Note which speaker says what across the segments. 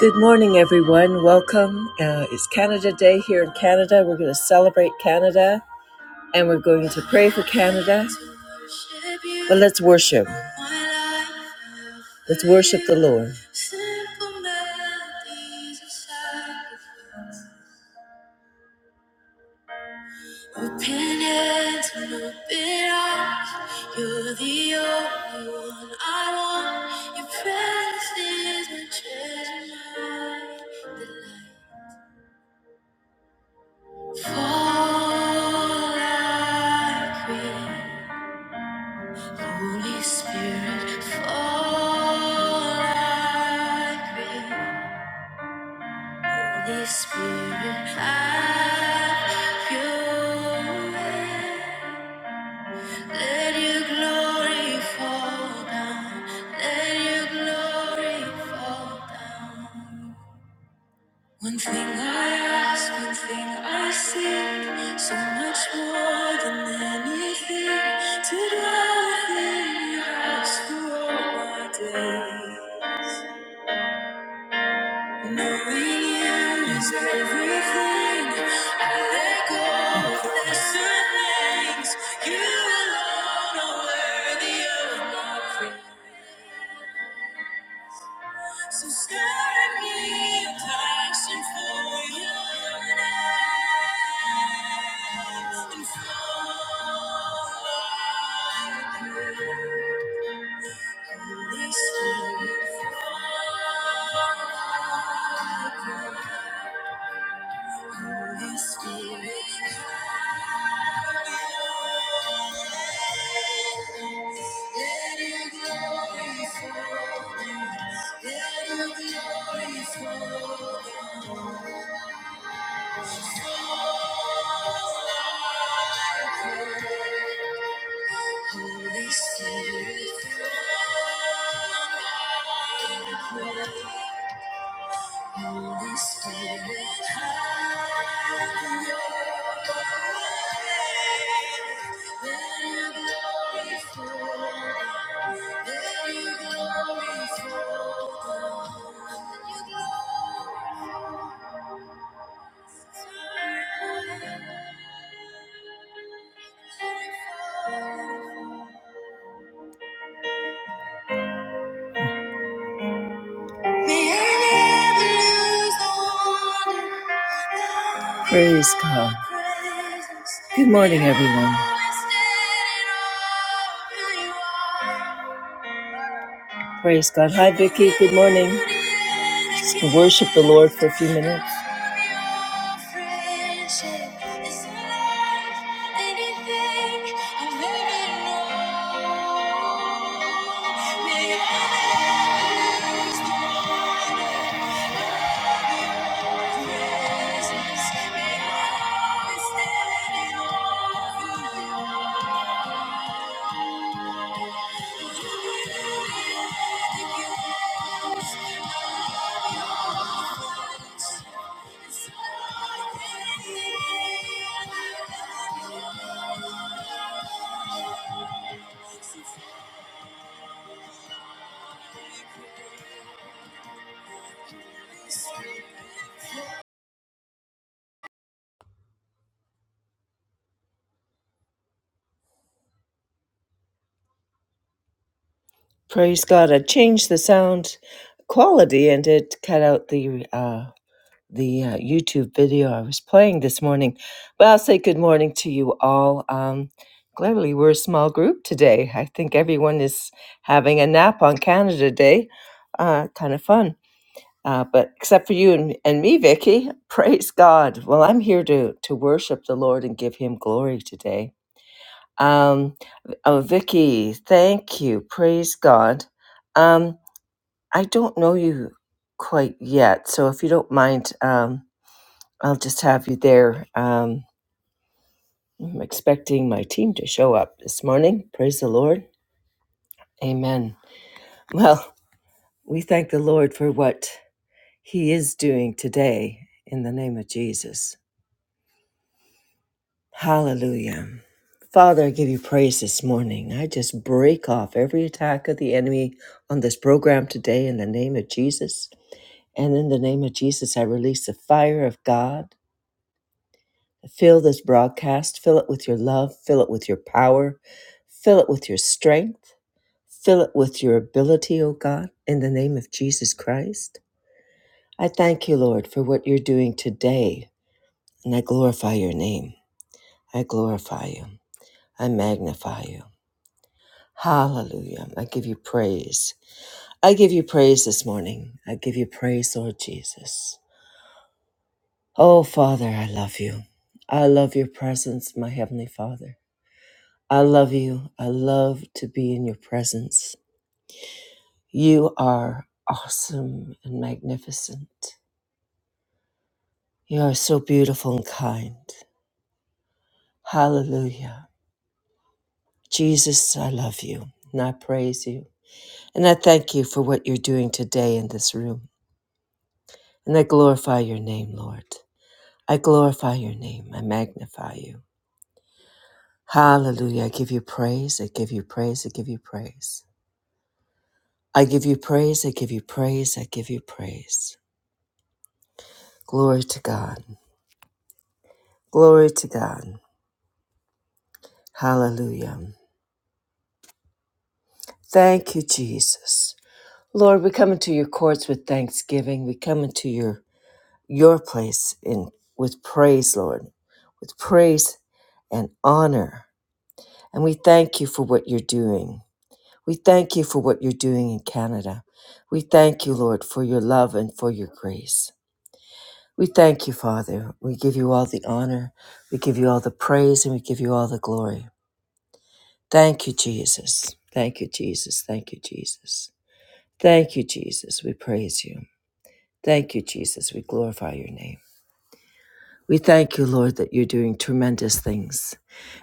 Speaker 1: Good morning, everyone. Welcome. Uh, it's Canada Day here in Canada. We're going to celebrate Canada and we're going to pray for Canada. But let's worship. Let's worship the Lord. Open hands and open eyes. You're the only one I want. Your presence is my treasure, my delight. Fall like rain, Holy Spirit, fall like rain, Holy Spirit, have your way. Let your glory fall down, let your glory fall down. One thing I ask, one thing I seek, so much more than anything, to dwell within your house for all my days. Knowing you is everything, I let go of lesser things. You alone are worthy of my praise. So stir in me a passion for your name and for the Holy Spirit. Holy Spirit, let your glory fall down. Let your glory fall down. Holy Spirit, Holy Spirit, Let Your glory fall, Praise God. Good morning, everyone. Praise God. Hi, Vicky. Good morning. Just to worship the Lord for a few minutes. Thank you. Praise God! I changed the sound quality and it cut out the uh, the uh, YouTube video I was playing this morning. But I'll say good morning to you all. Um, gladly, we're a small group today. I think everyone is having a nap on Canada Day. Uh, kind of fun. Uh, but except for you and, and me, Vicky, praise God. Well, I'm here to to worship the Lord and give Him glory today. Um, oh, Vicky, thank you. Praise God. Um, I don't know you quite yet, so if you don't mind, um, I'll just have you there. Um, I'm expecting my team to show up this morning. Praise the Lord. Amen. Well, we thank the Lord for what He is doing today in the name of Jesus. Hallelujah. Father, I give you praise this morning. I just break off every attack of the enemy on this program today in the name of Jesus. And in the name of Jesus, I release the fire of God Fill this broadcast, fill it with your love, fill it with your power, fill it with your strength, fill it with your ability, O God, in the name of Jesus Christ. I thank you, Lord, for what you're doing today, and I glorify your name. I glorify you. I magnify you. Hallelujah. I give you praise. I give you praise this morning. I give you praise, Lord Jesus. Oh, Father, I love you. I love your presence, my Heavenly Father. I love you. I love to be in your presence. You are awesome and magnificent. You are so beautiful and kind. Hallelujah. Jesus, I love you and I praise you. And I thank you for what you're doing today in this room. And I glorify your name, Lord. I glorify your name. I magnify you. Hallelujah. I give you praise. I give you praise. I give you praise. I give you praise. I give you praise. I give you praise. Glory to God. Glory to God. Hallelujah. Thank you, Jesus. Lord, we come into your courts with thanksgiving. We come into your your place in with praise, Lord, with praise and honor. And we thank you for what you're doing. We thank you for what you're doing in Canada. We thank you, Lord, for your love and for your grace. We thank you, Father. We give you all the honor. We give you all the praise and we give you all the glory. Thank you, Jesus. Thank you, Jesus. Thank you, Jesus. Thank you, Jesus. We praise you. Thank you, Jesus. We glorify your name. We thank you, Lord, that you're doing tremendous things.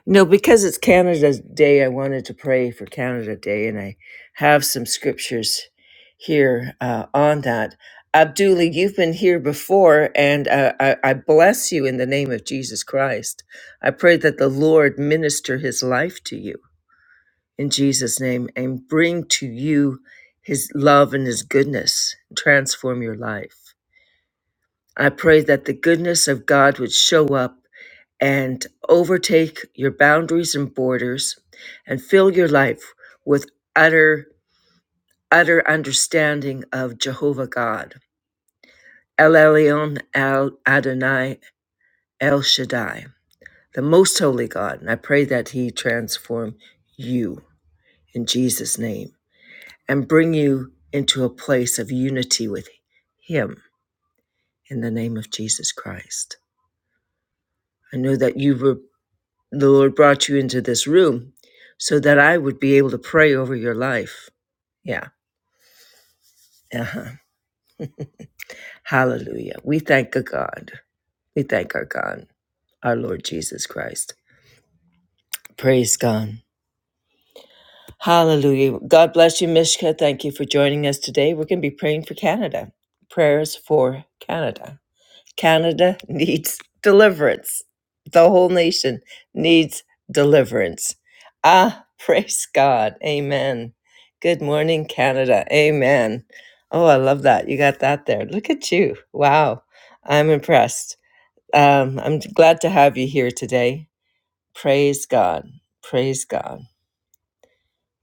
Speaker 1: No, because it's Canada Day, I wanted to pray for Canada Day, and I have some scriptures here uh, on that. Abdullah, you've been here before, and uh, I, I bless you in the name of Jesus Christ. I pray that the Lord minister his life to you in Jesus' name and bring to you his love and his goodness, transform your life. I pray that the goodness of God would show up and overtake your boundaries and borders and fill your life with utter, utter understanding of Jehovah God, El Elyon, El Adonai, El Shaddai, the most holy God. And I pray that he transform you in Jesus' name. and bring you into a place of unity with Him in the name of Jesus Christ. I know that you were, the Lord brought you into this room so that I would be able to pray over your life. Yeah. Uh-huh. Hallelujah. We thank the God. We thank our God, our Lord Jesus Christ. Praise God. Hallelujah. God bless you, Mishka. Thank you for joining us today. We're going to be praying for Canada. Prayers for Canada. Canada needs deliverance. The whole nation needs deliverance. Ah, praise God. Amen. Good morning, Canada. Amen. Oh, I love that. You got that there. Look at you. Wow. I'm impressed. Um, I'm glad to have you here today. Praise God. Praise God.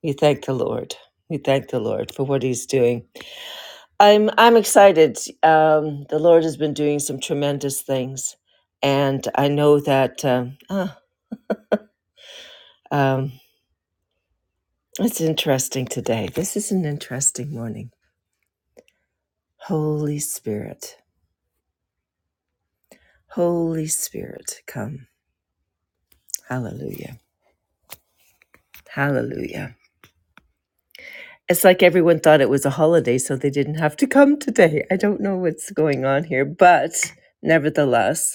Speaker 1: We thank the Lord. We thank the Lord for what He's doing I'm I'm excited. Um, the Lord has been doing some tremendous things, and I know that um, ah, um, it's interesting today. This is an interesting morning. Holy Spirit, Holy Spirit, come! Hallelujah, Hallelujah. It's like everyone thought it was a holiday, so they didn't have to come today. I don't know what's going on here, but nevertheless,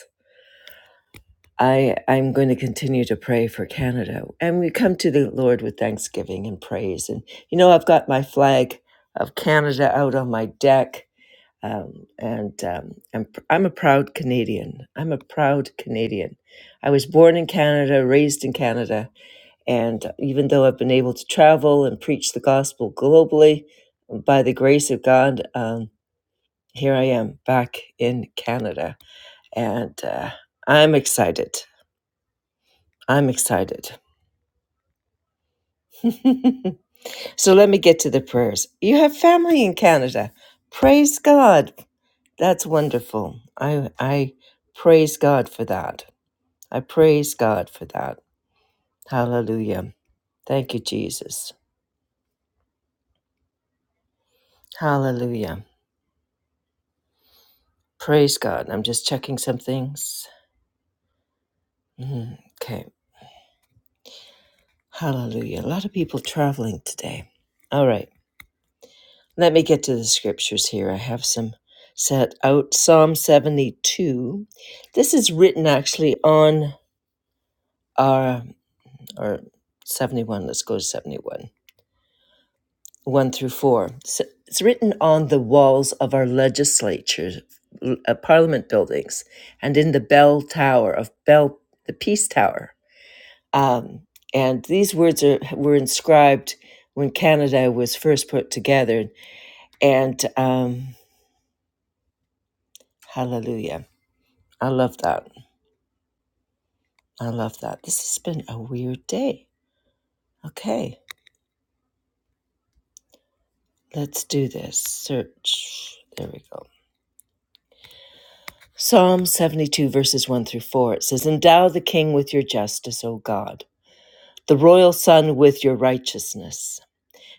Speaker 1: I, I'm going to continue to pray for Canada. And we come to the Lord with thanksgiving and praise. And, you know, I've got my flag of Canada out on my deck. Um, and um, I'm, I'm a proud Canadian. I'm a proud Canadian. I was born in Canada, raised in Canada. And even though I've been able to travel and preach the gospel globally, by the grace of God, um, here I am back in Canada. And uh, I'm excited. I'm excited. so let me get to the prayers. You have family in Canada. Praise God. That's wonderful. I I praise God for that. I praise God for that. Hallelujah. Thank you, Jesus. Hallelujah. Praise God. I'm just checking some things. Mhm. Okay. Hallelujah. A lot of people traveling today. All right. Let me get to the scriptures here. I have some set out. Psalm 72. This is written actually on our, or 71, let's go to 71, 1 through 4. So it's written on the walls of our legislature, l- uh, parliament buildings, and in the bell tower of Bell, the Peace Tower. Um, and these words are, were inscribed when Canada was first put together. And um, hallelujah. I love that. I love that. This has been a weird day. Okay, let's do this. Search. There we go. Psalm 72, verses 1 through 4. It says, Endow the king with your justice, O God, the royal son with your righteousness.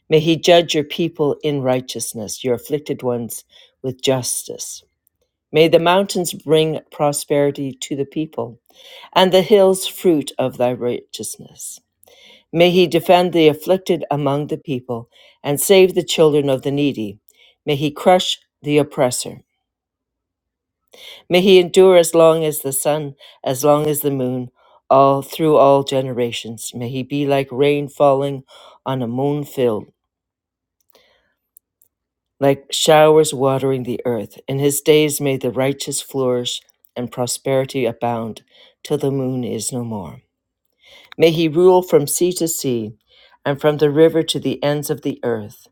Speaker 1: May he judge your people in righteousness, your afflicted ones with justice. May the mountains bring prosperity to the people, and the hills fruit of thy righteousness. May he defend the afflicted among the people and save the children of the needy. May he crush the oppressor. May he endure as long as the sun, as long as the moon, all through all generations. May he be like rain falling on a moon field, like showers watering the earth. In his days may the righteous flourish and prosperity abound till the moon is no more. May he rule from sea to sea and from the river to the ends of the earth.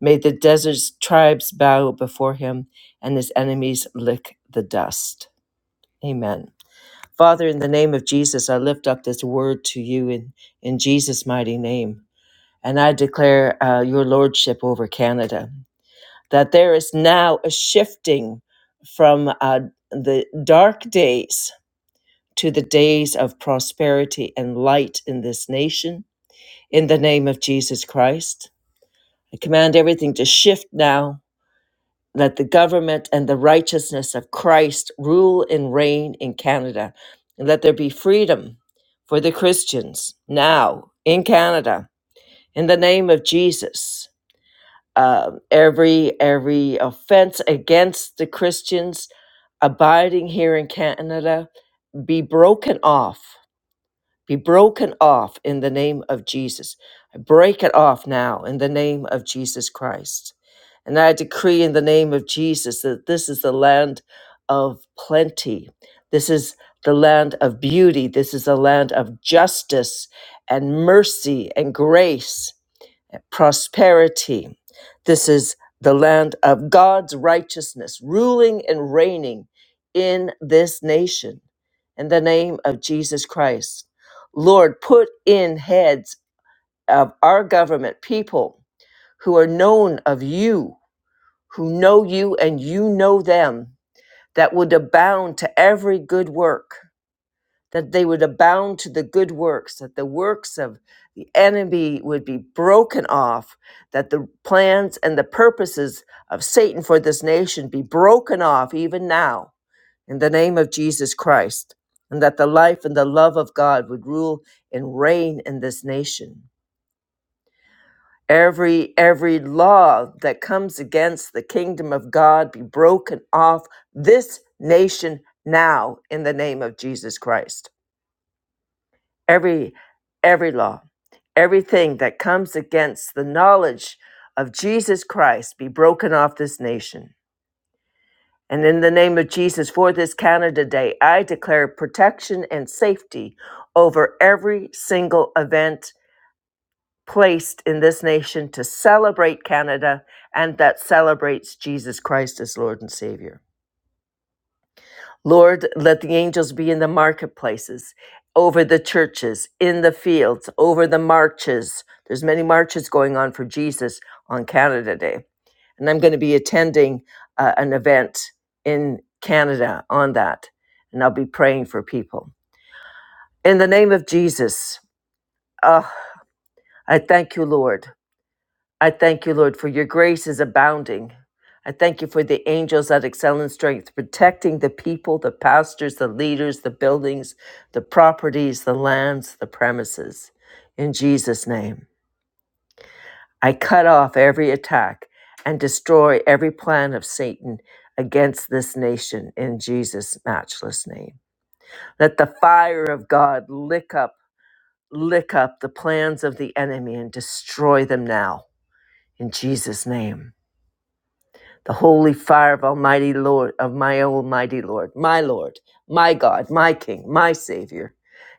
Speaker 1: May the desert's tribes bow before him and his enemies lick the dust. Amen. Father, in the name of Jesus, I lift up this word to you in, in Jesus' mighty name. And I declare uh, your lordship over Canada, that there is now a shifting from uh, the dark days to the days of prosperity and light in this nation. In the name of Jesus Christ, I command everything to shift now Let the government and the righteousness of Christ rule and reign in Canada. And let there be freedom for the Christians now in Canada. In the name of Jesus, Um, every every offense against the Christians abiding here in Canada be broken off be broken off in the name of Jesus. I break it off now in the name of Jesus Christ. And I decree in the name of Jesus that this is the land of plenty. This is the land of beauty. This is the land of justice and mercy and grace prosperity. This is the land of God's righteousness, ruling and reigning in this nation. In the name of Jesus Christ. Lord, put in heads of our government people who are known of you, who know you and you know them, that would abound to every good work that they would abound to the good works, that the works of the enemy would be broken off, that the plans and the purposes of Satan for this nation be broken off even now in the name of Jesus Christ, and that the life and the love of God would rule and reign in this nation. Every every law that comes against the kingdom of God be broken off this nation now in the name of Jesus Christ every every law everything that comes against the knowledge of jesus christ be broken off this nation and in the name of jesus for this canada day i declare protection and safety over every single event placed in this nation to celebrate canada and that celebrates jesus christ as lord and savior Lord, let the angels be in the marketplaces, over the churches, in the fields, over the marches. There's many marches going on for Jesus on Canada Day. And I'm going to be attending uh, an event in Canada on that. And I'll be praying for people. In the name of Jesus, Oh, I thank you, Lord. I thank you, Lord, for your grace is abounding. I thank you for the angels that excel in strength, protecting the people, the pastors, the leaders, the buildings, the properties, the lands, the premises. In Jesus' name, I cut off every attack and destroy every plan of Satan against this nation in Jesus' matchless name. Let the fire of God lick up, lick up the plans of the enemy and destroy them now in Jesus' name. the holy fire of Almighty Lord, of my Almighty Lord, my Lord, my God, my King, my Savior.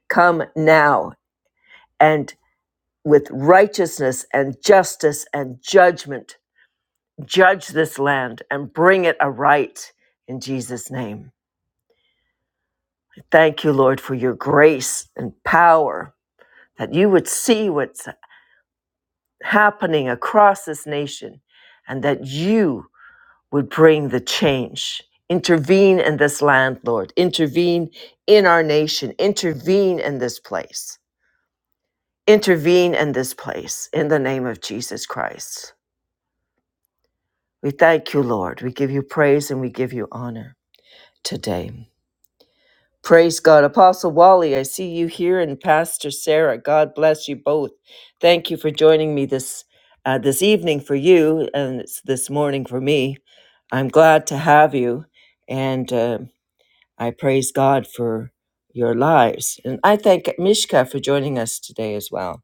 Speaker 1: Come now and with righteousness and justice and judgment, judge this land and bring it aright in Jesus' name. Thank you, Lord, for your grace and power that you would see what's happening across this nation and that you would bring the change. Intervene in this land, Lord. Intervene in our nation. Intervene in this place. Intervene in this place in the name of Jesus Christ. We thank you, Lord. We give you praise and we give you honor today. Praise God. Apostle Wally, I see you here, and Pastor Sarah. God bless you both. Thank you for joining me this uh, this evening for you, and it's this morning for me. I'm glad to have you. And uh, I praise God for your lives. And I thank Mishka for joining us today as well.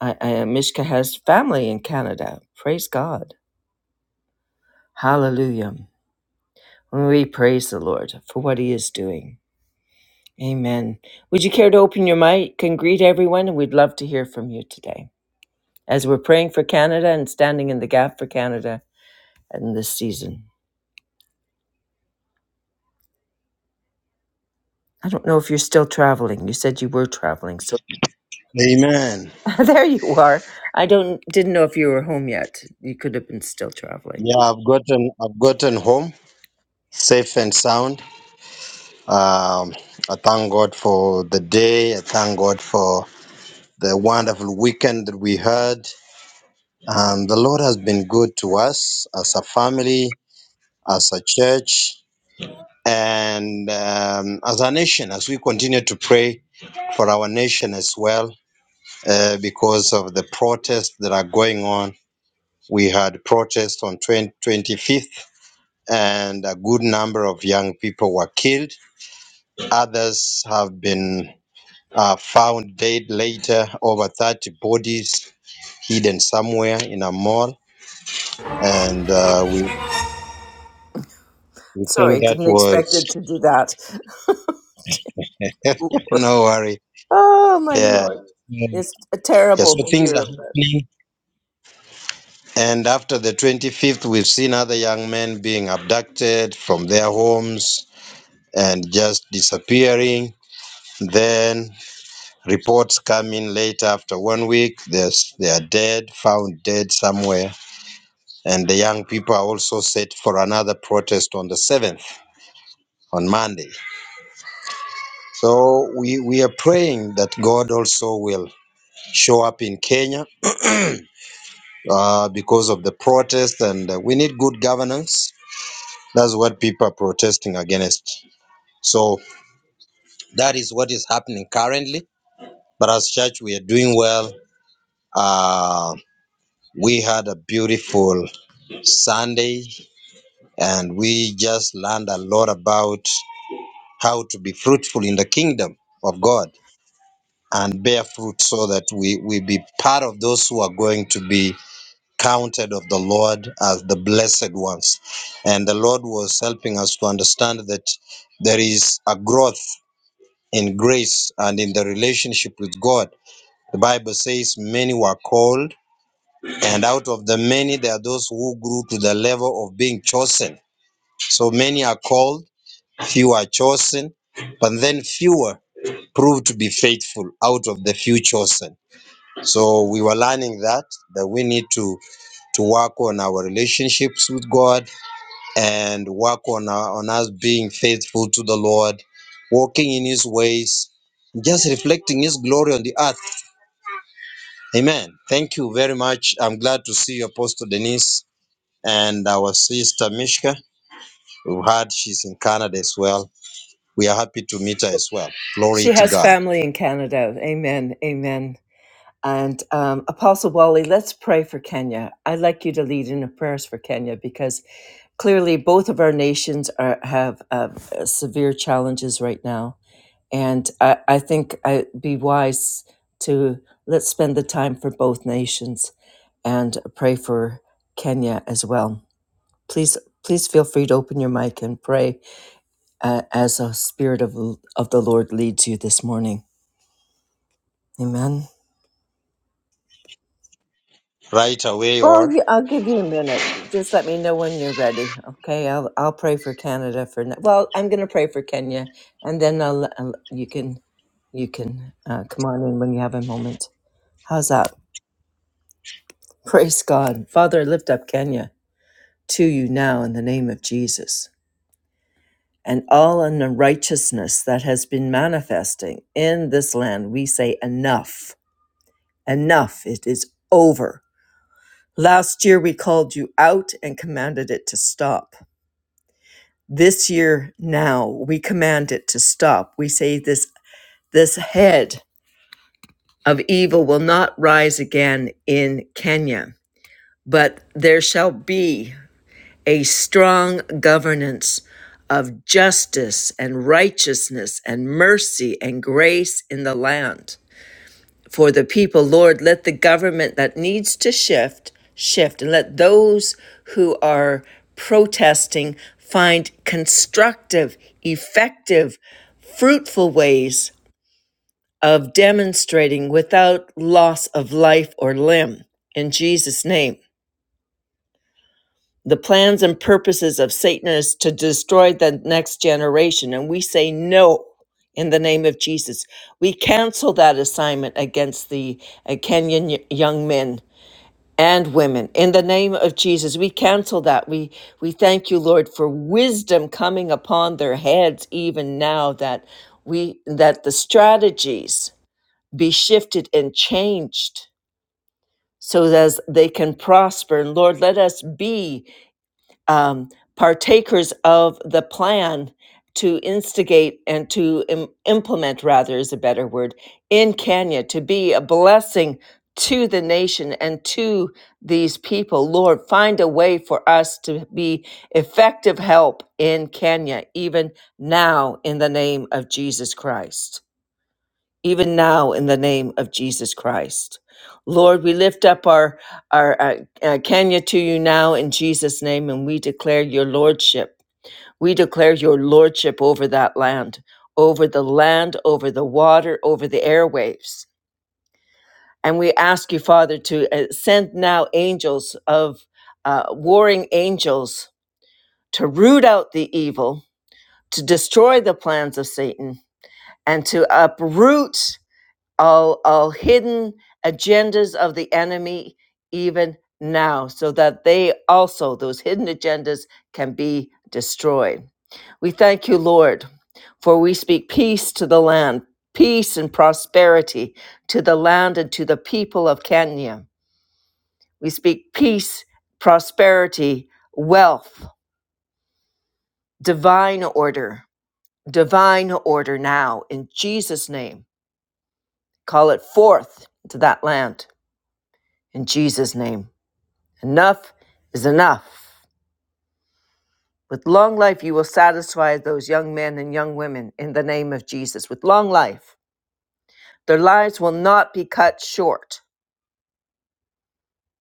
Speaker 1: I, I, Mishka has family in Canada. Praise God. Hallelujah. Well, We praise the Lord for what he is doing. Amen. Would you care to open your mic and greet everyone? And we'd love to hear from you today as we're praying for Canada and standing in the gap for Canada in this season. I don't know if you're still traveling. You said you were traveling. so.
Speaker 2: Amen.
Speaker 1: there you are. I don't didn't know if you were home yet. You could have been still traveling.
Speaker 2: Yeah, I've gotten I've gotten home safe and sound. Um, I thank God for the day. I thank God for the wonderful weekend that we had. Um, the Lord has been good to us as a family, as a church, and um, as a nation. As we continue to pray for our nation as well, uh, because of the protests that are going on. We had protests on twenty twenty fifth. and a good number of young people were killed. Others have been uh, found dead later, over 30 bodies hidden somewhere in a mall. And uh, we, we
Speaker 1: Sorry,
Speaker 2: think that
Speaker 1: didn't expect
Speaker 2: was,
Speaker 1: it to do that.
Speaker 2: no worry.
Speaker 1: oh my
Speaker 2: Yeah.
Speaker 1: lord, it's
Speaker 2: yeah,
Speaker 1: terrible
Speaker 2: so
Speaker 1: to
Speaker 2: things are
Speaker 1: hear of it.
Speaker 2: happening. And after the 25th, we've seen other young men being abducted from their homes and just disappearing. Then Reports come in late after one week. There's, they are dead, found dead somewhere. And the young people are also set for another protest on the 7th, on Monday. So we, we are praying that God also will show up in Kenya uh, because of the protest, and uh, we need good governance. That's what people are protesting against. So that is what is happening currently. But as church, we are doing well. Uh, we had a beautiful Sunday and we just learned a lot about how to be fruitful in the kingdom of God and bear fruit so that we, we be part of those who are going to be counted of the Lord as the blessed ones. And the Lord was helping us to understand that there is a growth in grace and in the relationship with God. The Bible says many were called, and out of the many, there are those who grew to the level of being chosen. So many are called Few are chosen, but then fewer prove to be faithful out of the few chosen. So we were learning that that we need to to work on our relationships with God and work on our, on us being faithful to the Lord, walking in His ways, just reflecting His glory on the earth. Amen. Thank you very much. I'm glad to see you, Apostle Denise, and our sister Mishka. We've heard she's in Canada as well. We are happy to meet her as well. Glory
Speaker 1: She
Speaker 2: to
Speaker 1: has
Speaker 2: God.
Speaker 1: family in Canada. Amen. Amen. And um, Apostle Wally, let's pray for Kenya. I'd like you to lead in the prayers for Kenya because clearly both of our nations are, have uh, severe challenges right now. And I, I think it'd be wise to let's spend the time for both nations and pray for Kenya as well. Please, please feel free to open your mic and pray uh, as the Spirit of, of the Lord leads you this morning. Amen.
Speaker 2: right away
Speaker 1: Well,
Speaker 2: or
Speaker 1: you, I'll give you a minute. Just let me know when you're ready. Okay, I'll I'll pray for Canada for now. Well, I'm going to pray for Kenya, and then I'll, I'll you can you can uh, come on in when you have a moment. How's that? Praise God, Father. I lift up Kenya to you now in the name of Jesus, and all unrighteousness that has been manifesting in this land. We say enough, enough. It is over. Last year we called you out and commanded it to stop. this year now we command it to stop we say this this head of evil will not rise again in kenya but there shall be a strong governance of justice and righteousness and mercy and grace in the land for the people. Lord, let the government that needs to shift, shift, and let those who are protesting find constructive, effective, fruitful ways of demonstrating without loss of life or limb. In Jesus' name. The plans and purposes of Satan is to destroy the next generation, and we say no in the name of Jesus. We cancel that assignment against the uh, Kenyan y- young men and women. In the name of Jesus, we cancel that. We we thank you, Lord, for wisdom coming upon their heads even now that we that the strategies be shifted and changed so that as they can prosper. And Lord, let us be um, partakers of the plan to instigate and to im- implement, rather, is a better word, in Kenya to be a blessing to the nation and to these people. Lord, find a way for us to be effective help in Kenya, even now, in the name of Jesus Christ even now in the name of Jesus Christ. Lord, we lift up our, our uh, uh, Kenya to you now in Jesus' name, and we declare your lordship. We declare your lordship over that land, over the land, over the water, over the airwaves. And we ask you, Father, to uh, send now angels of uh, warring angels to root out the evil, to destroy the plans of Satan, and to uproot all all hidden agendas of the enemy even now so that they also those hidden agendas can be destroyed we thank you lord for we speak peace to the land peace and prosperity to the land and to the people of kenya we speak peace prosperity wealth divine order divine order now in jesus name call it forth to that land in jesus name Enough is enough. With long life, you will satisfy those young men and young women in the name of Jesus. With long life, their lives will not be cut short,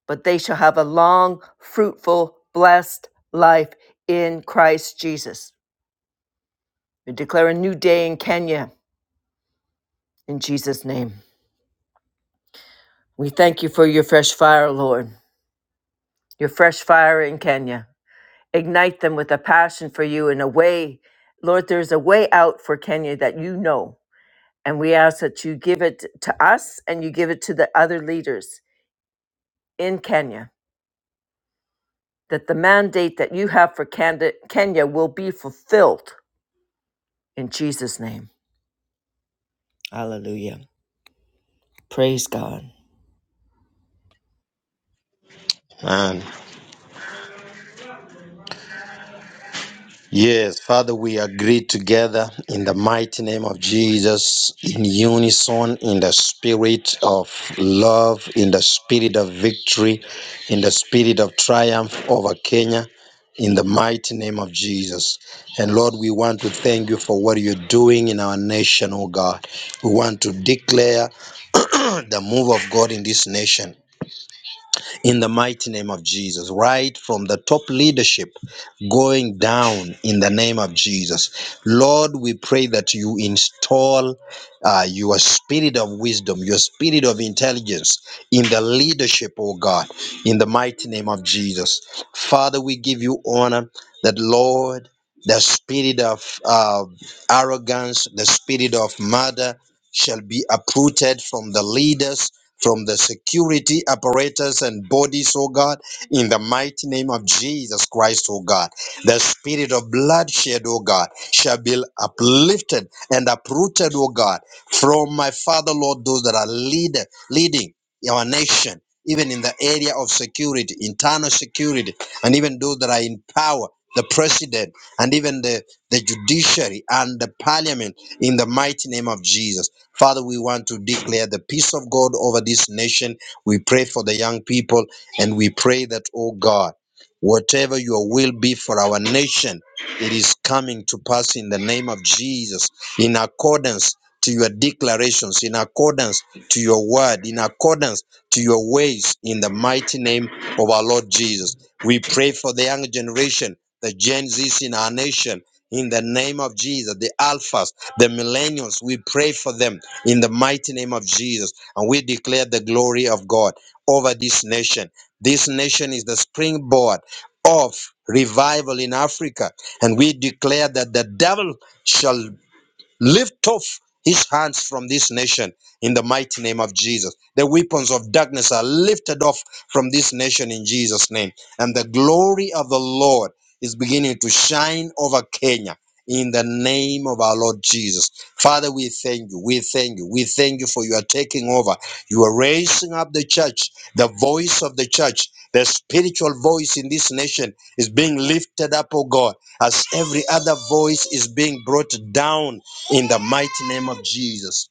Speaker 1: but they shall have a long, fruitful, blessed life in Christ Jesus. We declare a new day in Kenya in Jesus' name. We thank you for your fresh fire, Lord, your fresh fire in Kenya. Ignite them with a passion for you and a way. Lord, there's a way out for Kenya that you know. And we ask that you give it to us and you give it to the other leaders in Kenya, that the mandate that you have for Kenda- Kenya will be fulfilled in Jesus' name. Hallelujah. Praise God.
Speaker 2: and yes father we agree together in the mighty name of jesus in unison in the spirit of love in the spirit of victory in the spirit of triumph over kenya in the mighty name of jesus and lord we want to thank you for what you're doing in our nation oh god we want to declare the move of god in this nation in the mighty name of Jesus, right from the top leadership going down in the name of Jesus. Lord, we pray that you install uh, your spirit of wisdom, your spirit of intelligence in the leadership, oh God, in the mighty name of Jesus. Father, we give you honor that, Lord, the spirit of uh, arrogance, the spirit of murder shall be uprooted from the leaders from the security apparatus and bodies, oh God, in the mighty name of Jesus Christ, oh God. The spirit of bloodshed, oh God, shall be uplifted and uprooted, oh God, from my Father, Lord, those that are lead, leading our nation, even in the area of security, internal security, and even those that are in power. The president and even the, the judiciary and the parliament in the mighty name of Jesus. Father, we want to declare the peace of God over this nation. We pray for the young people and we pray that, oh God, whatever your will be for our nation, it is coming to pass in the name of Jesus in accordance to your declarations, in accordance to your word, in accordance to your ways, in the mighty name of our Lord Jesus. We pray for the young generation, the Gen Zs in our nation, in the name of Jesus, the Alphas, the Millennials. We pray for them in the mighty name of Jesus. And we declare the glory of God over this nation. This nation is the springboard of revival in Africa. And we declare that the devil shall Lift off his hands from this nation in the mighty name of Jesus. The weapons of darkness are lifted off from this nation in Jesus' name. And the glory of the Lord is beginning to shine over Kenya in the name of our Lord Jesus. Father, we thank you. We thank you. We thank you for you are taking over. You are raising up the church, the voice of the church, the spiritual voice in this nation is being lifted up, oh God, as every other voice is being brought down in the mighty name of Jesus.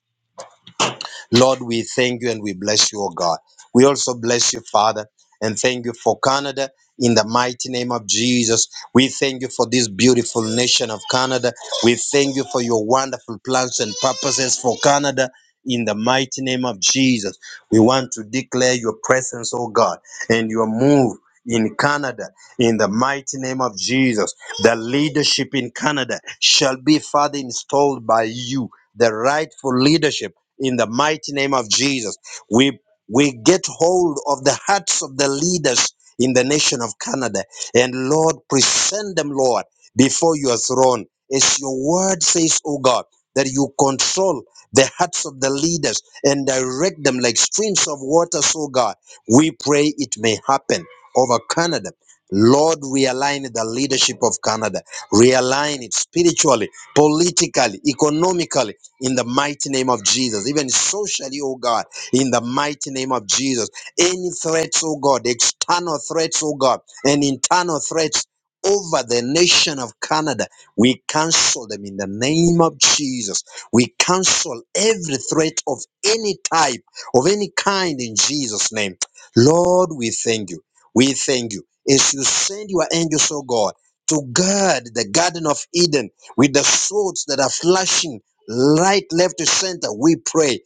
Speaker 2: Lord, we thank you and we bless you, O God. We also bless you, Father, and thank you for Canada in the mighty name of Jesus. We thank you for this beautiful nation of Canada. We thank you for your wonderful plans and purposes for Canada in the mighty name of Jesus. We want to declare your presence, O God, and your move. In Canada, in the mighty name of Jesus, the leadership in Canada shall be further installed by you the rightful leadership in the mighty name of Jesus. We we get hold of the hearts of the leaders in the nation of Canada and Lord present them Lord before your throne as your word says O God that you control the hearts of the leaders and direct them like streams of water so God we pray it may happen over Canada Lord, realign the leadership of Canada. Realign it spiritually, politically, economically, in the mighty name of Jesus. Even socially, oh God, in the mighty name of Jesus. Any threats, oh God, external threats, oh God, and internal threats over the nation of Canada, we cancel them in the name of Jesus. We cancel every threat of any type, of any kind in Jesus' name. Lord, we thank you. We thank you. As you send your angels, oh God, to guard the Garden of Eden with the swords that are flashing Right, left, to center, we pray.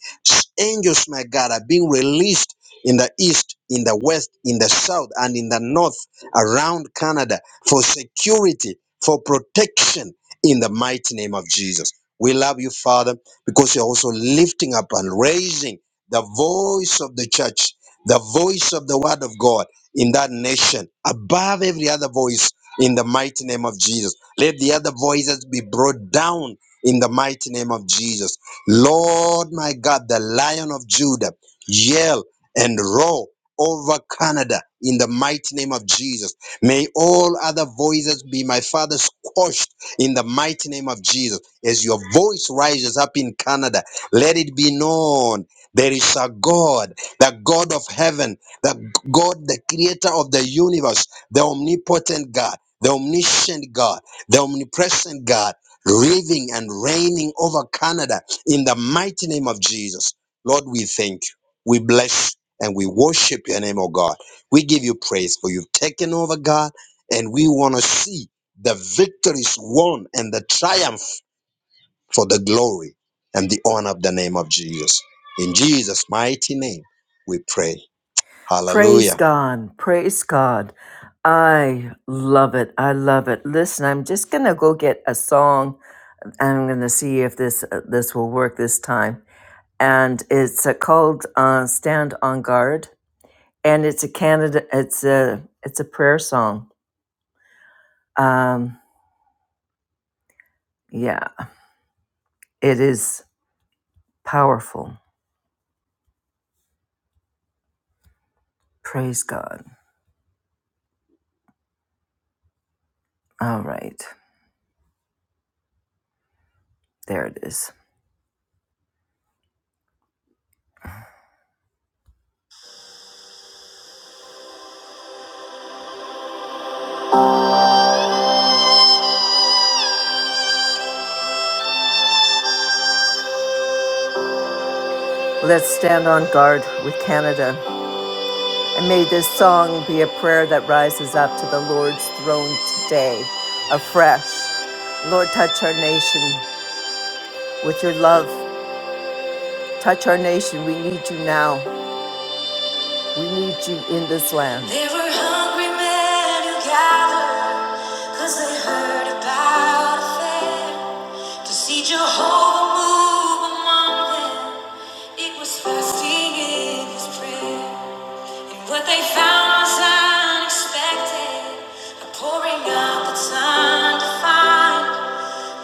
Speaker 2: Angels, my God, are being released in the east, in the west, in the south, and in the north around Canada for security, for protection in the mighty name of Jesus. We love you, Father, because you're also lifting up and raising the voice of the church, the voice of the word of God in that nation above every other voice in the mighty name of Jesus. Let the other voices be brought down in the mighty name of Jesus. Lord my God, the lion of Judah, yell and roar over Canada in the mighty name of Jesus. May all other voices be my father squashed in the mighty name of Jesus. As your voice rises up in Canada, let it be known there is a God, the God of heaven, the God, the creator of the universe, the omnipotent God, the omniscient God, the omnipresent God living and reigning over Canada in the mighty name of Jesus. Lord, we thank you. We bless you, and we worship your name, oh God. We give you praise for you've taken over, God, and we want to see the victories won and the triumph for the glory and the honor of the name of Jesus. In Jesus' mighty name, we pray.
Speaker 1: Praise
Speaker 2: Hallelujah.
Speaker 1: God. Praise God. I love it. I love it. Listen, I'm just going to go get a song and I'm going to see if this uh, this will work this time. And it's uh, called uh, Stand on Guard and it's a Canada it's a it's a prayer song Um, yeah, it is powerful. Praise God. All right, there it is. Let's stand on guard with Canada. And may this song be a prayer that rises up to the Lord's throne today afresh. Lord, touch our nation with your love. Touch our nation. We need you now. We need you in this land. There were hungry men who gathered because they heard about a fair. To see Jehovah move among them, it was fasting in his prayer. And what they found was unexpected, a pouring out that's undefined.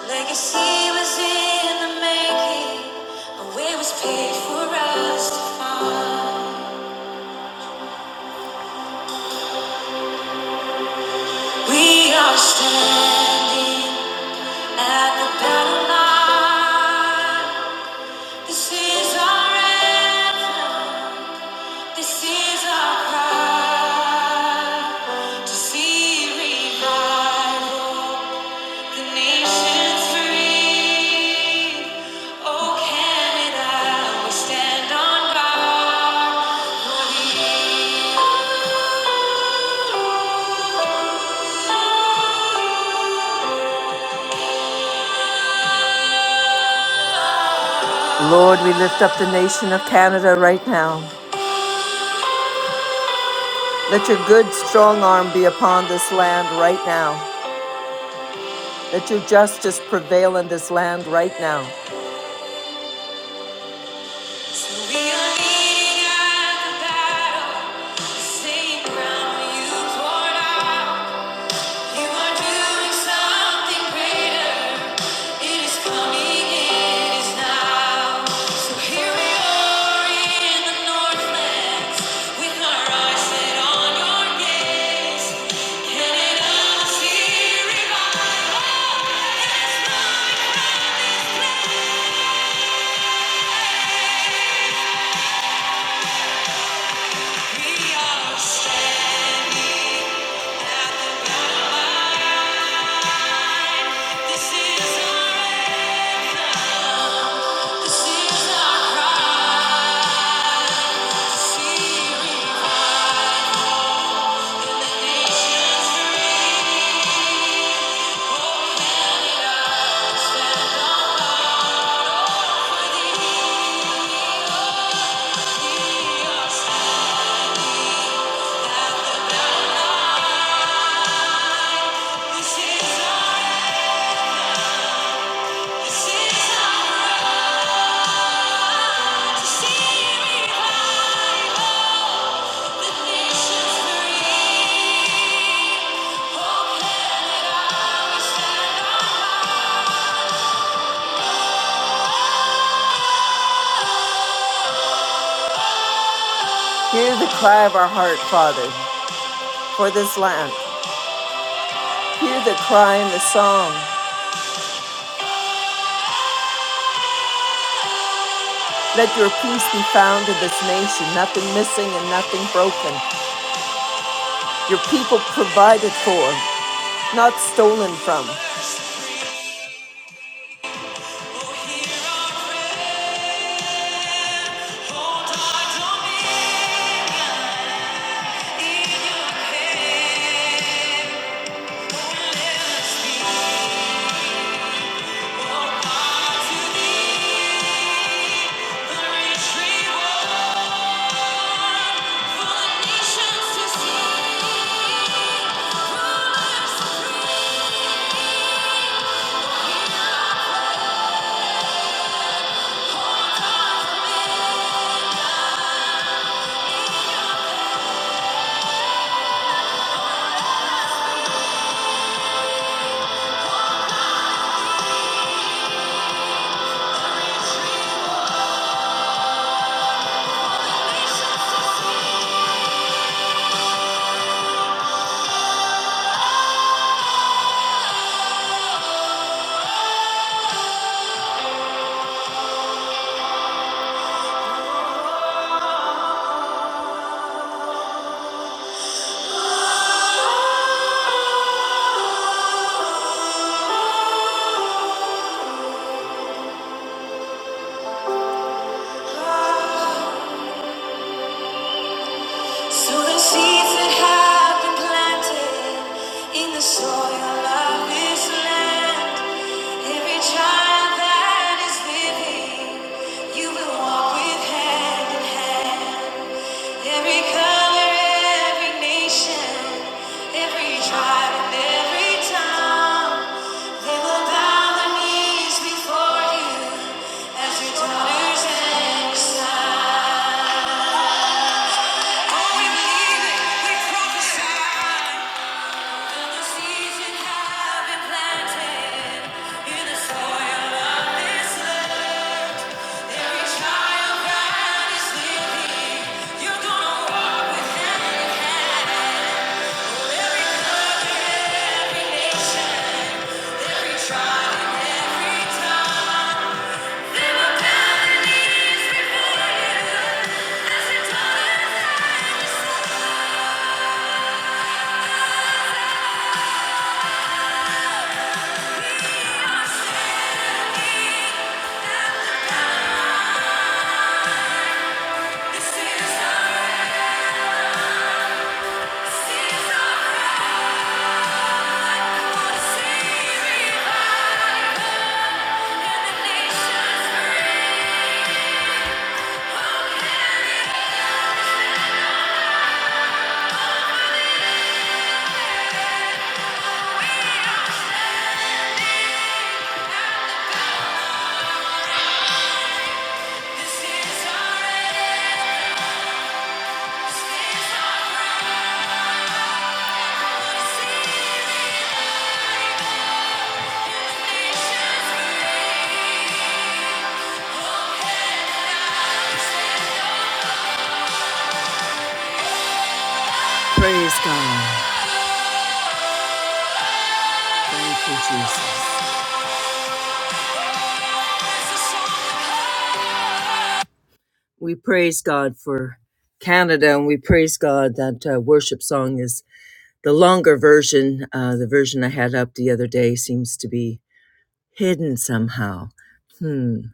Speaker 1: Legacy was in the making, a way was paid for us to find. We are standing at the battle line. This is our anthem. This is our cry. To see revival, the nations free. Oh Canada, we stand on guard. for thee. Lord, we lift up the nation of Canada right now. Let your good, strong arm be upon this land right now. Let your justice prevail in this land right now. We are leading at the battle, same ground you poured out. You are doing something greater. It is coming, it is now. So here we are in the Northlands, with our eyes set on your gaze. Canada, Hear the cry of our heart, Father, for this land. Hear the cry and the song. Let your peace be found in this nation, nothing missing and nothing broken. Your people provided for, not stolen from. So the seeds that have been planted in the soil of this land, every child that is living, you will walk with hand in hand. Every color, every nation, every tribe, and every tongue, they will bow their knees before you as your daughters and your sons. Oh, we believe Praise God. Thank you, Jesus. We praise God for Canada and we praise God that uh, worship song is the longer version. Uh, the version I had up the other day seems to be hidden somehow. Hmm.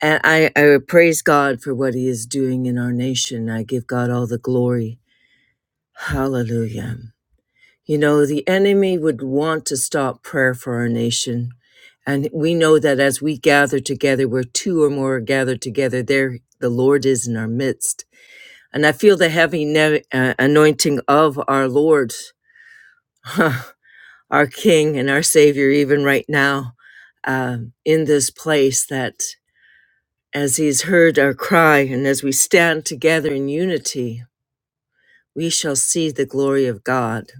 Speaker 1: And I, I praise God for what He is doing in our nation. I give God all the glory. Hallelujah. You know, the enemy would want to stop prayer for our nation. And we know that as we gather together, where two or more are gathered together, there the Lord is in our midst. And I feel the heavy ne- uh, anointing of our Lord, our King and our Savior, even right now um, in this place, that as He's heard our cry and as we stand together in unity, we shall see the glory of God.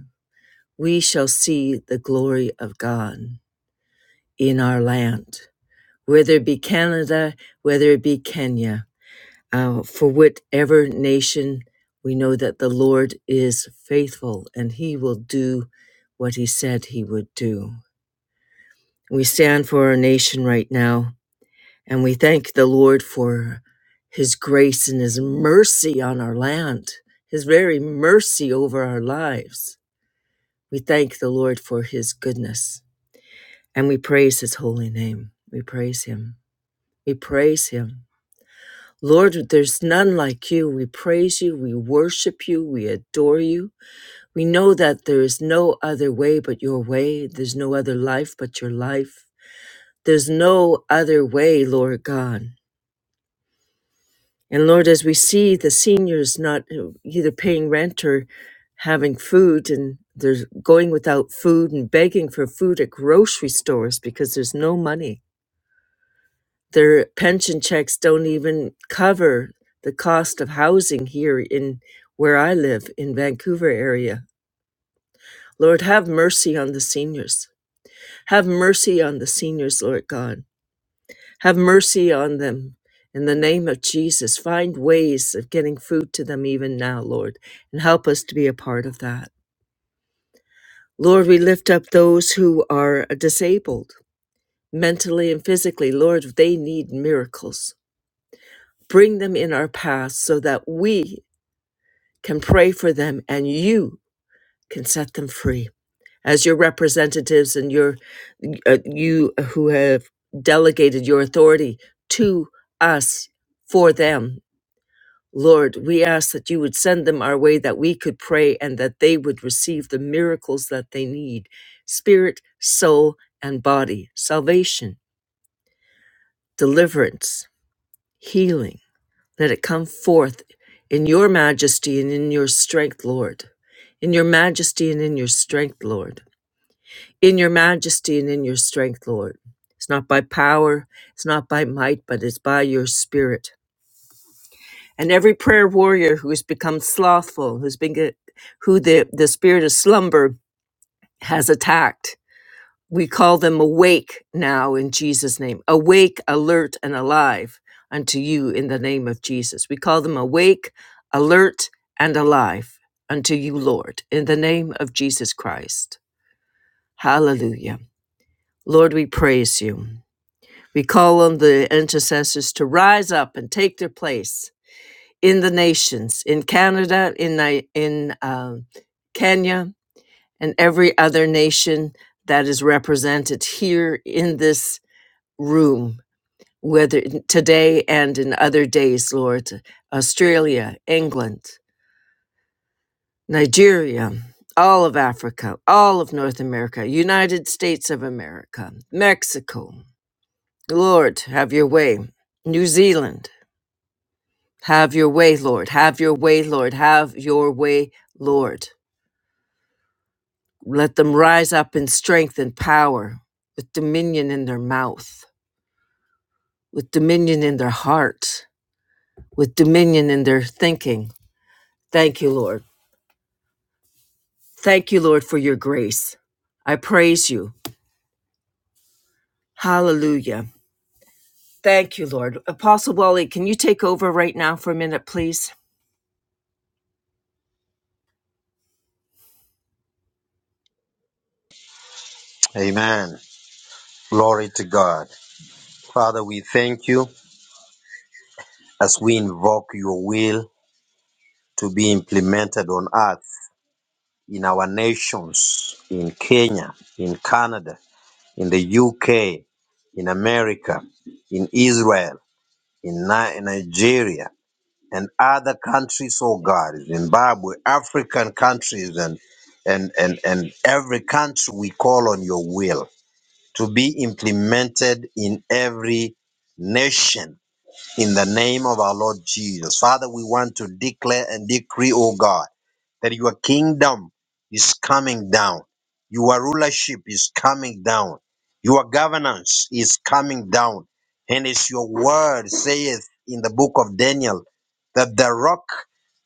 Speaker 1: We shall see the glory of God. in our land, whether it be Canada, whether it be Kenya, uh, for whatever nation, we know that the Lord is faithful and he will do what he said he would do. We stand for our nation right now and we thank the Lord for his grace and his mercy on our land, his very mercy over our lives. We thank the Lord for his goodness and we praise his holy name. We praise him. We praise him. Lord, there's none like you. We praise you. We worship you. We adore you. We know that there is no other way but your way. There's no other life but your life. There's no other way, Lord God. And Lord, as we see the seniors not uh, either paying rent or having food, and they're going without food and begging for food at grocery stores because there's no money. Their pension checks don't even cover the cost of housing here in where I live in Vancouver area. Lord, have mercy on the seniors. Have mercy on the seniors, Lord God. Have mercy on them. In the name of Jesus, find ways of getting food to them even now, Lord, and help us to be a part of that. Lord, we lift up those who are disabled mentally and physically. Lord, they need miracles. Bring them in our path so that we can pray for them and you can set them free as your representatives and your uh, you who have delegated your authority to us for them lord we ask that you would send them our way that we could pray and that they would receive the miracles that they need spirit soul and body salvation deliverance healing Let it come forth in your majesty and in your strength, Lord. In your majesty and in your strength, Lord. In your majesty and in your strength, Lord. It's not by power, it's not by might, but it's by your spirit. And every prayer warrior who has become slothful, who's been who the, the spirit of slumber has attacked, We call them awake now in Jesus' name. Awake, alert, and alive unto you in the name of Jesus. We call them awake, alert, and alive unto you, Lord, in the name of Jesus Christ. Hallelujah. Lord, we praise you. We call on the intercessors to rise up and take their place in the nations, in Canada, in, Ni- in uh, Kenya, and every other nation that is represented here in this room, whether today and in other days, Lord, Australia, England, Nigeria, all of Africa, all of North America, United States of America, Mexico. Lord, have your way. New Zealand, have your way, Lord. Have your way, Lord. Have your way, Lord. Let them rise up in strength and power with dominion in their mouth, with dominion in their heart, with dominion in their thinking Thank you, Lord. Thank you, Lord, for your grace. I praise you. Hallelujah. Thank you, Lord. Apostle Wally, can you take over right now for a minute, please?
Speaker 2: Amen. Glory to God. Father, we thank you as we invoke your will to be implemented on earth in our nations, in Kenya, in Canada, in the UK, in America, in Israel, in Ni- Nigeria, and other countries, oh God, Zimbabwe, African countries, and, and, and, and every country we call on your will to be implemented in every nation in the name of our Lord Jesus. Father, we want to declare and decree, oh God that your kingdom is coming down, your rulership is coming down, your governance is coming down. And as your word saith in the book of Daniel, that the rock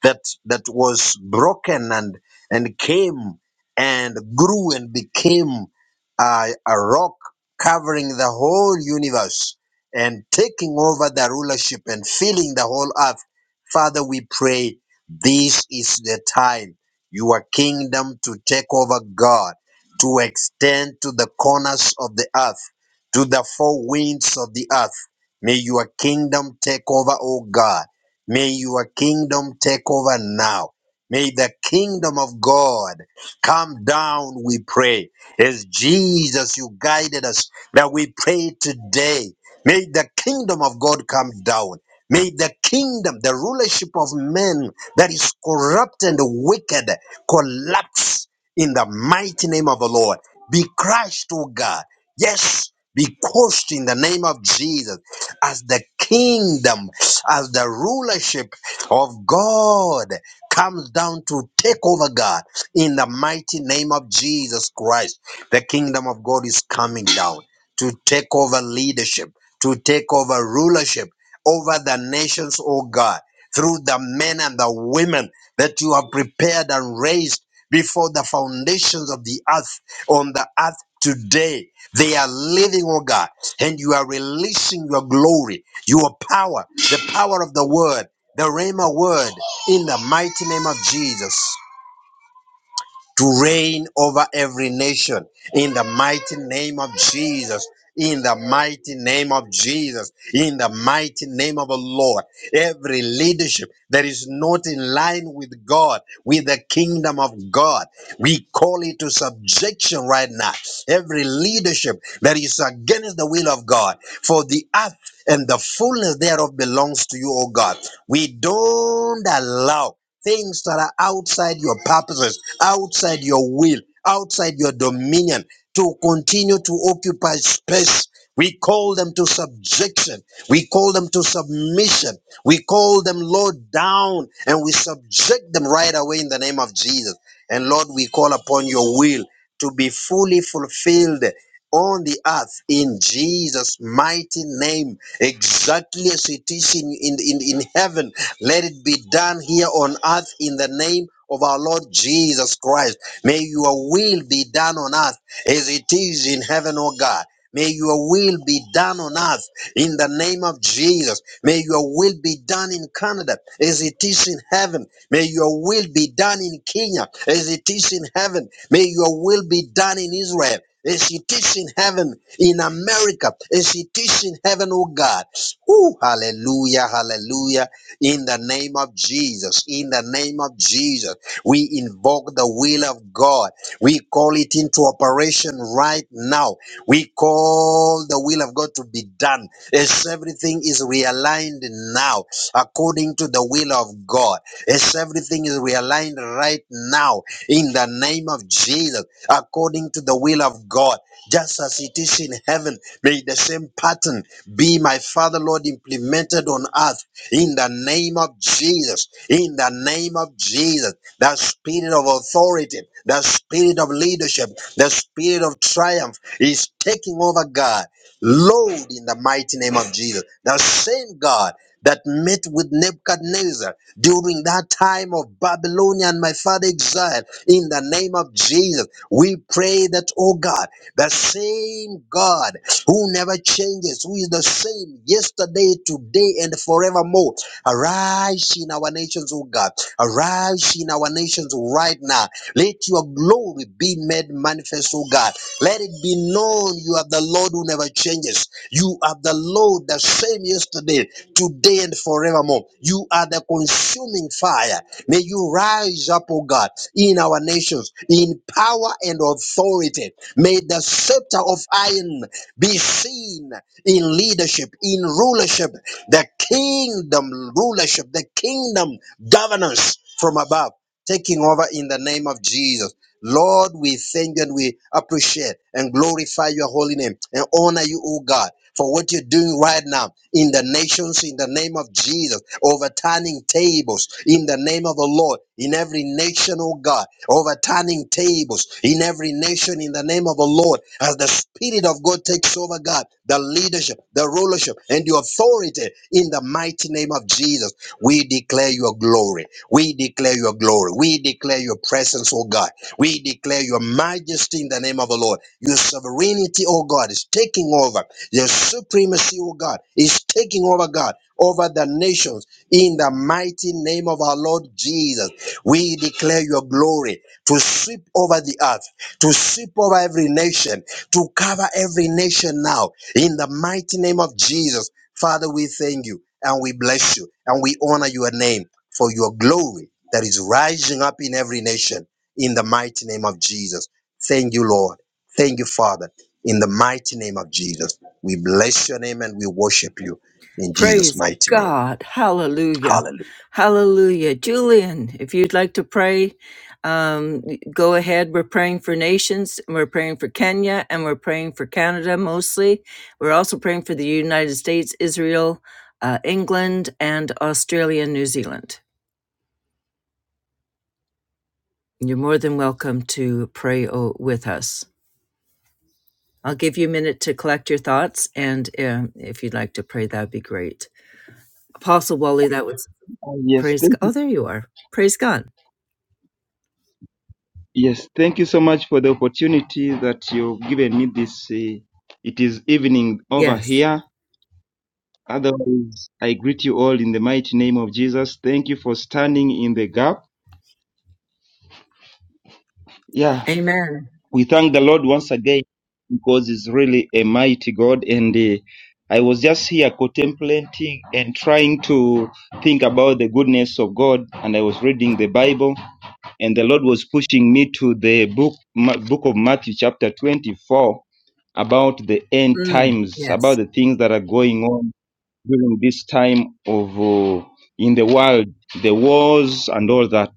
Speaker 2: that that was broken and and came and grew and became uh, a rock covering the whole universe and taking over the rulership and filling the whole earth. Father, we pray this is the time your kingdom to take over God, to extend to the corners of the earth, to the four winds of the earth. May your kingdom take over, O God. May your kingdom take over now. May the kingdom of God come down, we pray. As Jesus, you guided us that we pray today. May the kingdom of God come down. May the kingdom, the rulership of men that is corrupt and wicked collapse in the mighty name of the Lord. Be crushed, O God. Yes, be crushed in the name of Jesus as the kingdom, as the rulership of God comes down to take over God in the mighty name of Jesus Christ. The kingdom of God is coming down to take over leadership, to take over rulership over the nations, O God through the men and the women that you have prepared and raised before the foundations of the earth on the earth today. They are living, oh God, and you are releasing your glory, your power, the power of the word, the Rhema word, in the mighty name of Jesus to reign over every nation in the mighty name of Jesus. In the mighty name of Jesus, in the mighty name of the Lord, every leadership that is not in line with God, with the kingdom of God, we call it to subjection right now. Every leadership that is against the will of God, for the earth and the fullness thereof belongs to you, O God. We don't allow things that are outside your purposes, outside your will, outside your dominion to continue to occupy space. We call them to subjection. We call them to submission. We call them, Lord, down and we subject them right away in the name of Jesus. And Lord, we call upon your will to be fully fulfilled on the earth in Jesus' mighty name, exactly as it is in, in, in, in heaven let it be done here on earth in the name of our Lord Jesus Christ. May your will be done on earth as it is in heaven, O God. May your will be done on earth in the name of Jesus. May your will be done in Canada as it is in heaven. May your will be done in Kenya as it is in heaven. May your will be done in Israel as it is in heaven, in America as it is in heaven, oh God. Ooh, hallelujah, hallelujah in the name of Jesus. In the name of Jesus, we invoke the will of God. We call it into operation right now. We call the will of God to be done. As everything is realigned now according to the will of God. As everything is realigned right now in the name of Jesus according to the will of God. Just as it is in heaven, may the same pattern be, my Father, Lord, implemented on earth in the name of Jesus. In the name of Jesus, the spirit of authority, the spirit of leadership, the spirit of triumph is taking over God. Lord, in the mighty name of Jesus, the same God that met with Nebuchadnezzar during that time of Babylonia and my father exile, in the name of Jesus, we pray that, oh God, the same God who never changes, who is the same yesterday, today, and forevermore. Arise in our nations, O God. Arise in our nations right now. Let your glory be made manifest, O God. Let it be known you are the Lord who never changes. You are the Lord, the same yesterday, today, and forevermore. You are the consuming fire. May you rise up, O God, in our nations, in power and authority. May the scepter of iron be seen in leadership, in rulership, the kingdom rulership, the kingdom governance from above, taking over in the name of Jesus. Lord, we thank you and we appreciate and glorify your holy name and honor you, O God, for what you're doing right now in the nations, in the name of Jesus, overturning tables in the name of the Lord, in every nation, O God, overturning tables in every nation in the name of the Lord, as the Spirit of God takes over, God, the leadership, the rulership, and the authority in the mighty name of Jesus. We declare your glory. We declare your glory. We declare your presence, O God. We declare your majesty in the name of the Lord. Your sovereignty, oh God, is taking over. Your supremacy, oh God, is taking over, God, over the nations in the mighty name of our Lord Jesus. We declare your glory to sweep over the earth, to sweep over every nation, to cover every nation now in the mighty name of Jesus. Father, we thank you and we bless you and we honor your name for your glory that is rising up in every nation in the mighty name of Jesus. Thank you, Lord. Thank you, Father. In the mighty name of Jesus, we bless your name and we worship you in Jesus'
Speaker 1: Praise
Speaker 2: mighty name.
Speaker 1: God. Hallelujah.
Speaker 2: Hallelujah.
Speaker 1: Hallelujah. Julian, if you'd like to pray, um, go ahead. We're praying for nations, and we're praying for Kenya, and we're praying for Canada mostly. We're also praying for the United States, Israel, uh, England, and Australia, New Zealand. You're more than welcome to pray o- with us. I'll give you a minute to collect your thoughts, and um, if you'd like to pray, that'd be great. Apostle Wally, that was
Speaker 3: Yes,
Speaker 1: praise
Speaker 3: thank
Speaker 1: God.
Speaker 3: you.
Speaker 1: Oh, there you are. Praise God.
Speaker 3: Yes, thank you so much for the opportunity that you've given me this. Uh, it is evening over
Speaker 1: Yes.
Speaker 3: here. Otherwise, I greet you all in the mighty name of Jesus. Thank you for standing in the gap. Yeah,
Speaker 1: Amen.
Speaker 3: we thank the Lord once again because He's really a mighty God. And uh, I was just here contemplating and trying to think about the goodness of God. And I was reading the Bible, and the Lord was pushing me to the book, Ma- book of Matthew, chapter 24 about the end
Speaker 1: Mm,
Speaker 3: times, about
Speaker 1: yes.
Speaker 3: the things that are going on during this time of uh, in the world, the wars and all that.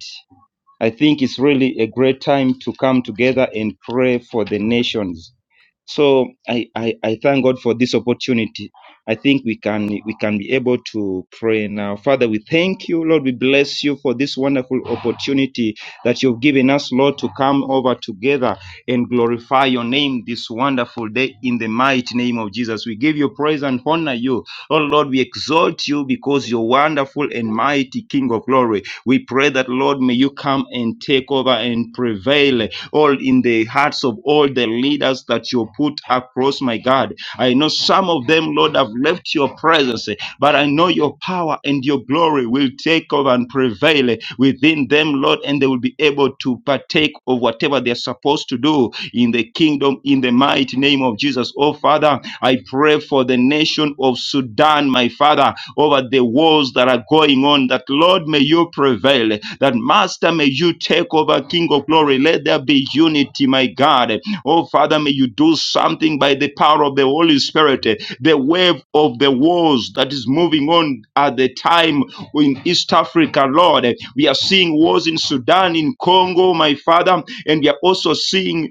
Speaker 3: I think it's really a great time to come together and pray for the nations. So I, I, I thank God for this opportunity. I think we can we can be able to pray now. Father, we thank you, Lord. We bless you for this wonderful opportunity that you've given us, Lord, to come over together and glorify your name this wonderful day in the mighty name of Jesus. We give you praise and honor you. Oh Lord, we exalt you because you're wonderful and mighty King of glory. We pray that, Lord, may you come and take over and prevail all in the hearts of all the leaders that you put across, my God. I know some of them, Lord, have left your presence, but I know your power and your glory will take over and prevail within them, Lord, and they will be able to partake of whatever they're supposed to do in the kingdom in the mighty name of Jesus. Oh, Father, I pray for the nation of Sudan, my Father, over the wars that are going on, that Lord, may you prevail, that Master, may you take over, King of glory. Let there be unity, my God. Oh, Father, may you do something by the power of the Holy Spirit. eh, The wave of the wars that is moving on at the time in East Africa, Lord. eh, We are seeing wars in Sudan, in Congo, my Father, and we are also seeing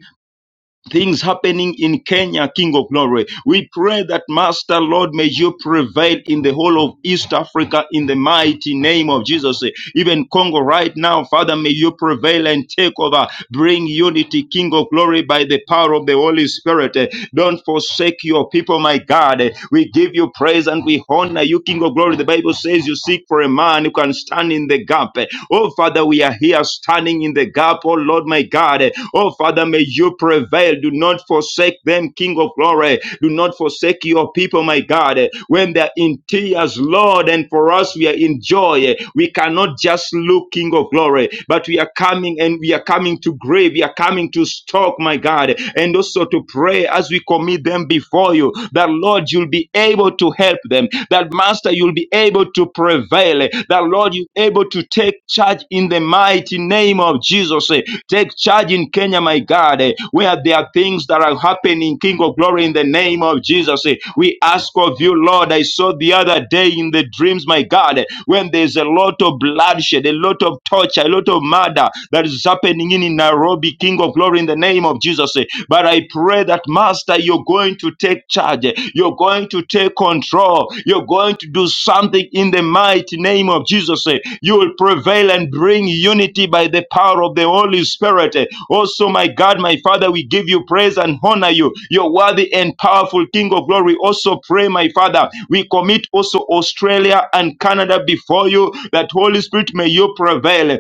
Speaker 3: things happening in Kenya, King of Glory. We pray that, Master Lord, may you prevail in the whole of East Africa in the mighty name of Jesus. Even Congo right now, Father, may you prevail and take over. Bring unity, King of Glory, by the power of the Holy Spirit. Don't forsake your people, my God. We give you praise and we honor you, King of Glory. The Bible says you seek for a man who can stand in the gap. Oh, Father, we are here standing in the gap, oh Lord, my God. Oh Father, may you prevail. Do not forsake them, King of glory. Do not forsake your people, my God. When they're in tears, Lord, and for us, we are in joy. We cannot just look, King of glory, but we are coming and we are coming to grave. We are coming to stalk, my God, and also to pray as we commit them before you that, Lord, you'll be able to help them them. That Master, you'll be able to prevail. That Lord, you're able to take charge in the mighty name of Jesus. Take charge in Kenya, my God, where there are things that are happening, King of glory, in the name of Jesus. We ask of you, Lord. I saw the other day in the dreams, my God, when there's a lot of bloodshed, a lot of torture, a lot of murder that is happening in Nairobi, King of glory, in the name of Jesus. But. But I pray that, Master, you're going to take charge. You're going to take control. You're going to do something in the mighty name of Jesus. You will prevail and bring unity by the power of the Holy Spirit. Also, my God, my Father, we give you praise and honor you. You're worthy and powerful King of glory. Also, pray, my Father, we commit also Australia and Canada before you that Holy Spirit may you prevail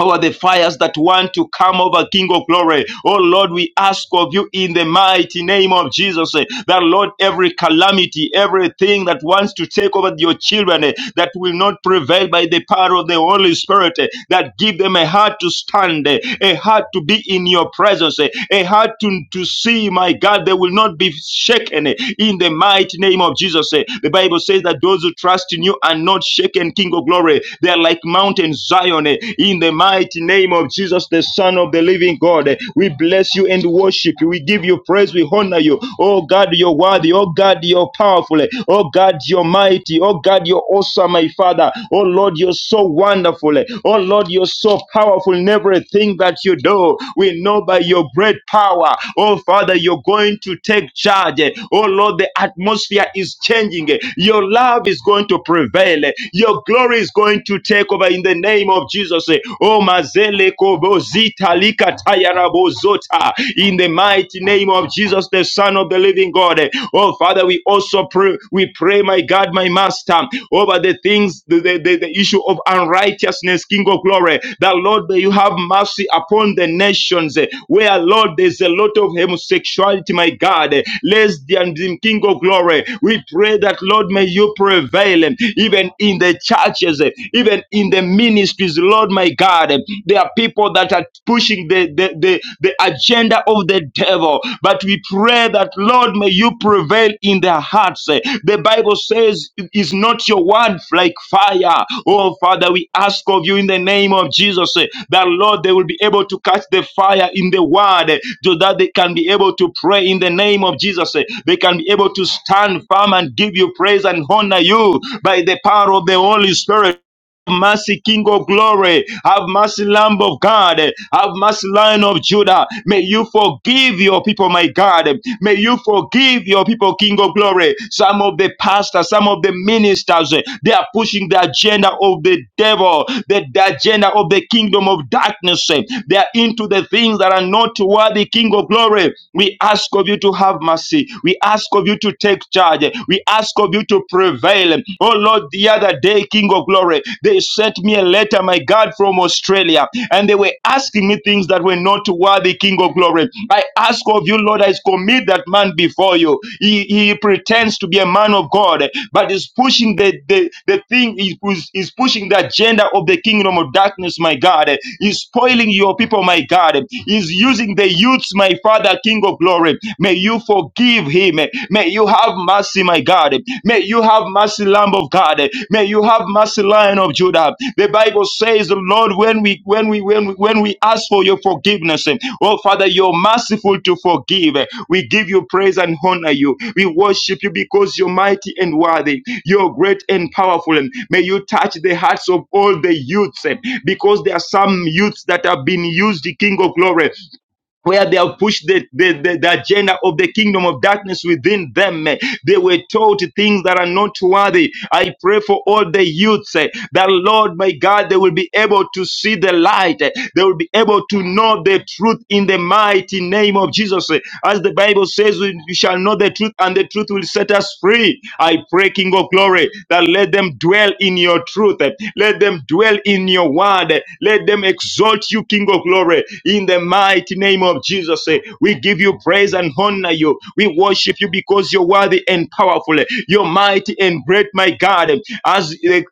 Speaker 3: over the fires that want to come over King of Glory. Oh Lord, we ask of you in the mighty name of Jesus eh, that Lord, every calamity, everything that wants to take over your children eh, that will not prevail by the power of the Holy Spirit, eh, that give them a heart to stand, eh, a heart to be in your presence, eh, a heart to, to see, my God, they will not be shaken eh, in the mighty name of Jesus. eh. The Bible says that those who trust in you are not shaken, King of Glory. They are like Mount mountain Zion. eh, in the mighty name of Jesus, the Son of the living God. We bless you and worship you. We give you praise. We honor you. Oh God, you're worthy. Oh God, you're powerful. Oh God, you're mighty. Oh God, you're awesome, my Father. Oh Lord, you're so wonderful. Oh Lord, you're so powerful in everything that you do. We know by your great power. Oh Father, you're going to take charge. Oh Lord, the atmosphere is changing. Your love is going to prevail. Your glory is going to take over in the name of Jesus. eh, Oh, mazele kobo zita lika tayara Zota. in the mighty name of Jesus, the Son of the Living God. eh, Oh, Father, we also pray, we pray, my God, my Master, over the things, the, the, the, the issue of unrighteousness, King of Glory. That Lord, may you have mercy upon the nations eh, where, Lord, there's a lot of homosexuality, my God, eh, lesbianism, King of Glory. We pray that, Lord, may you prevail eh, even in the churches, eh, even in the ministries, Lord my God. There are people that are pushing the, the, the, the agenda of the devil. But we pray that, Lord, may you prevail in their hearts. The Bible says, Is not your word like fire? Oh, Father, we ask of you in the name of Jesus eh, that, Lord, they will be able to catch the fire in the word eh, so that they can be able to pray in the name of Jesus. eh. They can be able to stand firm and give you praise and honor you by the power of the Holy Spirit mercy, King of glory. Have mercy, Lamb of God. Have mercy, Lion of Judah. May you forgive your people, my God. May you forgive your people, King of glory. Some of the pastors, some of the ministers, they are pushing the agenda of the devil, the, the agenda of the kingdom of darkness. They are into the things that are not worthy, King of glory. We ask of you to have mercy. We ask of you to take charge. We ask of you to to prevail. Oh Lord, the other day, King of Glory, they sent me a letter, my God, from Australia, and they were asking me things that were not worthy, King of Glory. I ask of you, Lord, I commit that man before you. He, he pretends to be a man of God, but is pushing the, the, the thing, is, is pushing the agenda of the kingdom of darkness, my God. He's spoiling your people, my God. He's using the youths, my Father, King of Glory. May you forgive forgive him. May you have mercy, my God. May you have mercy, Lamb of God. May you have mercy, Lion of Judah. The Bible says, Lord, when we when we when we, when we ask for your forgiveness, oh Father, you're merciful to forgive. We give you praise and honor you. We worship you because you're mighty and worthy. You're great and powerful. May you touch the hearts of all the youths, because there are some youths that have been used, the King of Glory where they have pushed the, the, the, the agenda of the kingdom of darkness within them. eh. They were taught things that are not worthy. I pray for all the youths eh, that, Lord, my God, they will be able to see the light. eh, They will be able to know the truth in the mighty name of Jesus. eh. As the Bible says, we we shall know the truth and the truth will set us free. I pray, King of glory, that let them dwell in your truth. eh. Let them dwell in your word. Let them exalt you, King of glory. In the mighty name of Jesus, eh, we give you praise and honor you. We worship you because you're worthy and powerful. You're mighty and great, my God. As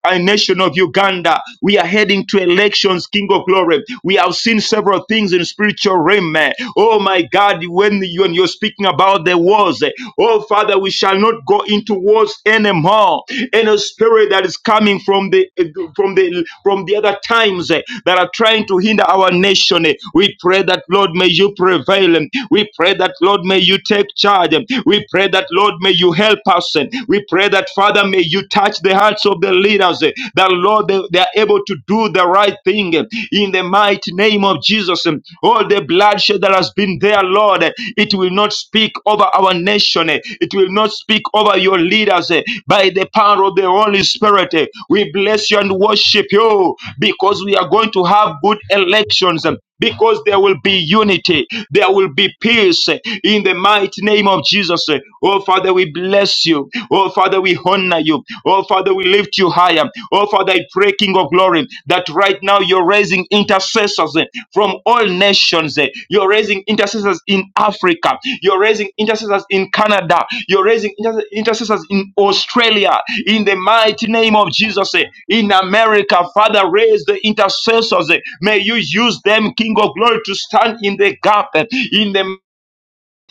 Speaker 3: a nation of Uganda, we are heading to elections, King of glory. We have seen several things in spiritual realm. eh. Oh, my God, when you and you're speaking about the wars. eh, Oh, Father, we shall not go into wars anymore. Any spirit that is coming from the from the from the other times eh, that are trying to hinder our nation, eh, we pray that Lord may you prevail. We pray that Lord may you take charge. We pray that Lord may you help us. We pray that Father may you touch the hearts of the leaders. eh, That Lord they, they are able to do the right thing eh, in the mighty mighty name of Jesus. um, All the bloodshed that has been there, Lord, eh, it will not speak over our nation. eh, It will not speak over your leaders. eh, By the power of the Holy Spirit, eh, we bless you and worship you because we are going to have good elections. um, because there will be unity, there will be peace eh, in the mighty name of Jesus. eh. Oh, Father, we bless you. Oh, Father, we honor you. Oh, Father, we lift you higher. Oh, Father, I pray, King of glory, that right now you're raising intercessors eh, from all nations. eh. You're raising intercessors in Africa. You're raising intercessors in Canada. You're raising inter- intercessors in Australia. In the mighty name of Jesus, eh, in America, Father, raise the intercessors. eh. May you use them, King of Glory, to stand in the gap. eh, In the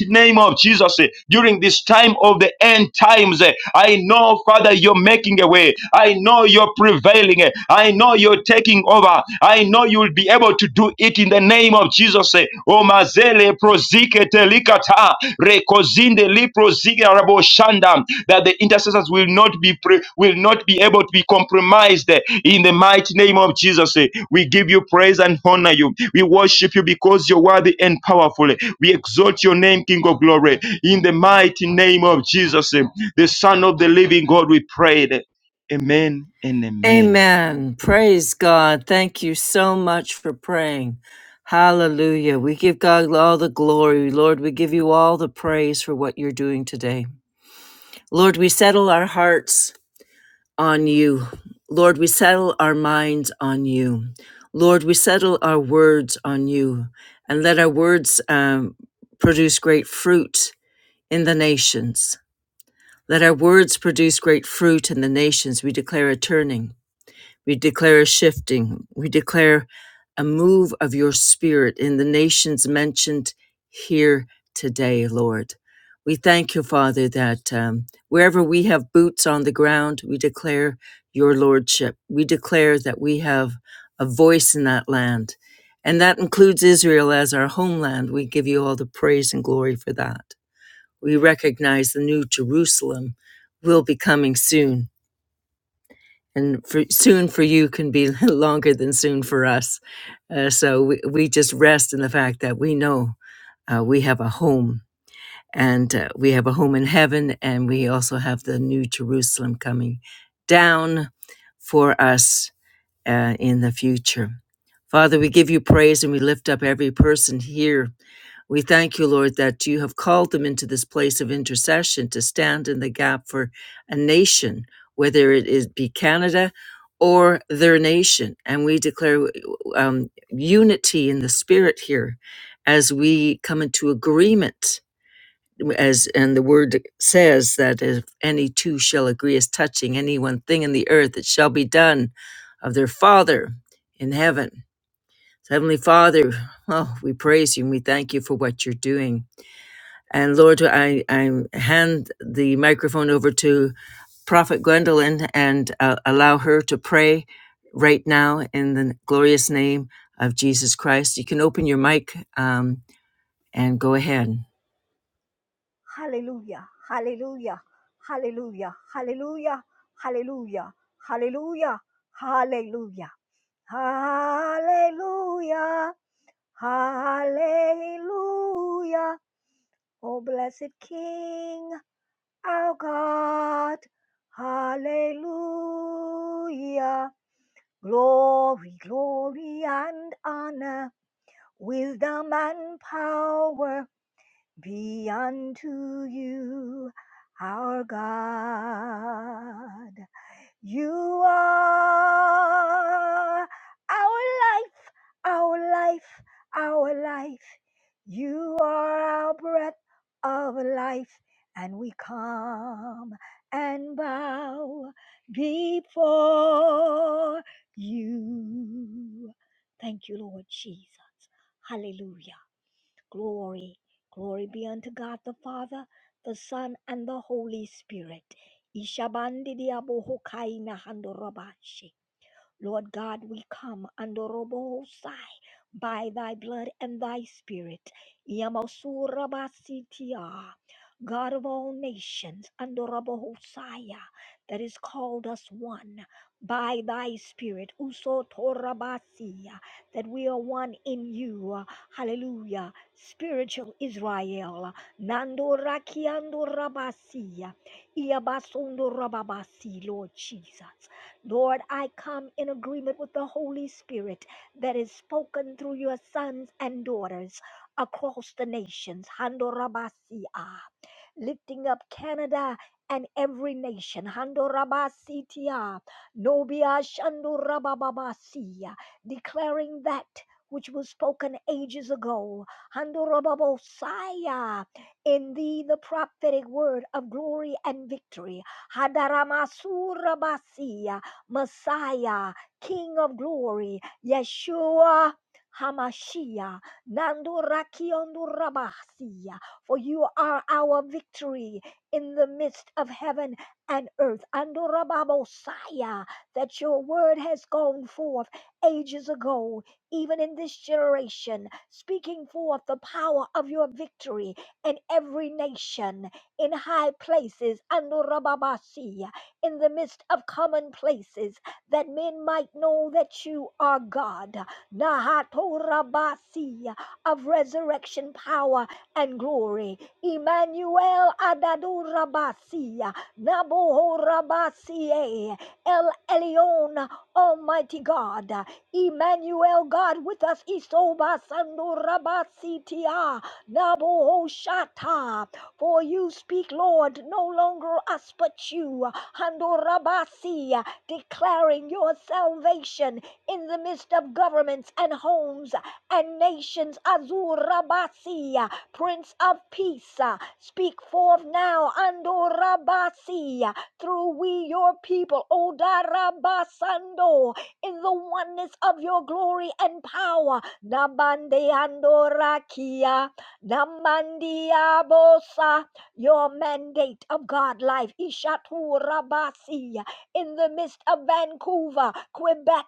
Speaker 3: mighty name of Jesus eh, during this time of the end times. eh, I know, Father, you're making a way. I know you're prevailing. eh, I know you're taking over. I know you'll be able to do it in the name of Jesus. eh. O mazele prozike telikata rekozinde Lipro Zigarabo that the intercessors will not be pre- will not be able to be compromised eh, in the mighty name of Jesus. eh. We give you praise and honor you. We worship you because you're worthy and powerful. eh. We exalt your name, King of Glory, in the mighty name of Jesus, eh, the Son of the Living God. We prayed. Amen and amen.
Speaker 1: Amen. Praise God. Thank you so much for praying. Hallelujah. We give God all the glory. Lord, we give you all the praise for what you're doing today. Lord, we settle our hearts on you. Lord, we settle our minds on you. Lord, we settle our words on you and let our words um, produce great fruit in the nations. Let our words produce great fruit in the nations. We declare a turning. We declare a shifting. We declare a move of your spirit in the nations mentioned here today, Lord. We thank you, Father, that um, wherever we have boots on the ground, we declare your lordship. We declare that we have a voice in that land. And that includes Israel as our homeland. We give you all the praise and glory for that. We recognize the new Jerusalem will be coming soon and for, soon for you can be longer than soon for us. Uh, so we, we just rest in the fact that we know uh, we have a home and uh, we have a home in heaven and we also have the new Jerusalem coming down for us uh, in the future. Father, we give you praise and we lift up every person here. We thank you, Lord, that you have called them into this place of intercession to stand in the gap for a nation, whether it is be Canada or their nation. And we declare um, unity in the spirit here as we come into agreement as and the word says that if any two shall agree as touching any one thing in the earth, it shall be done of their Father in heaven. So Heavenly Father, oh, we praise you and we thank you for what you're doing. And Lord, I, I hand the microphone over to Prophet Gwendolyn and uh, allow her to pray right now in the glorious name of Jesus Christ. You can open your mic um, and go ahead.
Speaker 4: Hallelujah. Hallelujah. Hallelujah. Hallelujah. Hallelujah. Hallelujah. Hallelujah. Hallelujah. Hallelujah. Oh, blessed King, our God. Hallelujah. Glory, glory, and honor, wisdom and power be unto you our God. You are our life, our life, our life. You are our breath of life, and we come and bow before you. Thank you, Lord Jesus. Hallelujah. Glory, glory be unto God the Father, the Son, and the Holy Spirit. Ishabandi diabohokai nahandorabashi. Lord God, we come under Robosai by thy blood and thy spirit. Yamasurabasitia, God of all nations, under Robosaya, that is called us one by thy spirit. Usotorabasia, that we are one in you. Hallelujah. Spiritual Israel. Nandorakiandorabasia. Iabasundorababasi, Lord Jesus. Lord, I come in agreement with the Holy Spirit that is spoken through your sons and daughters across the nations. Handorabasia. Lifting up Canada and every nation. Handorabasitia. Nobia Shandorabababasia. Declaring that which was spoken ages ago. Handorababosaya. In thee the prophetic word of glory and victory. Hadaramasurabasi, Messiah, King of glory, Yeshua. Hamashiach, Nandurakiondurabasia, for you are our victory in the midst of heaven and earth. Andurababosaya, that your word has gone forth ages ago, even in this generation, speaking forth the power of your victory in every nation, in high places. Andurababasia, in the midst of commonplaces that men might know that you are God. Nahatorabasi of resurrection power and glory. Emmanuel Adadurabasi Nabohorabasi El Elyon Almighty God. Emmanuel God with us Isoba Isobasandurabasi Tia Nabohoshata for you speak, Lord, no longer us but you. Handorabasi, declaring your salvation in the midst of governments and homes and nations. Azurabasi, Prince of Peace, speak forth now. Andorabasi, through we your people. Odarabasando, in the oneness of your glory and power. Nabande Andorakia. Namandiabosa, your mandate of God life, Ishatu Rabasi, in the midst of Vancouver, Quebec,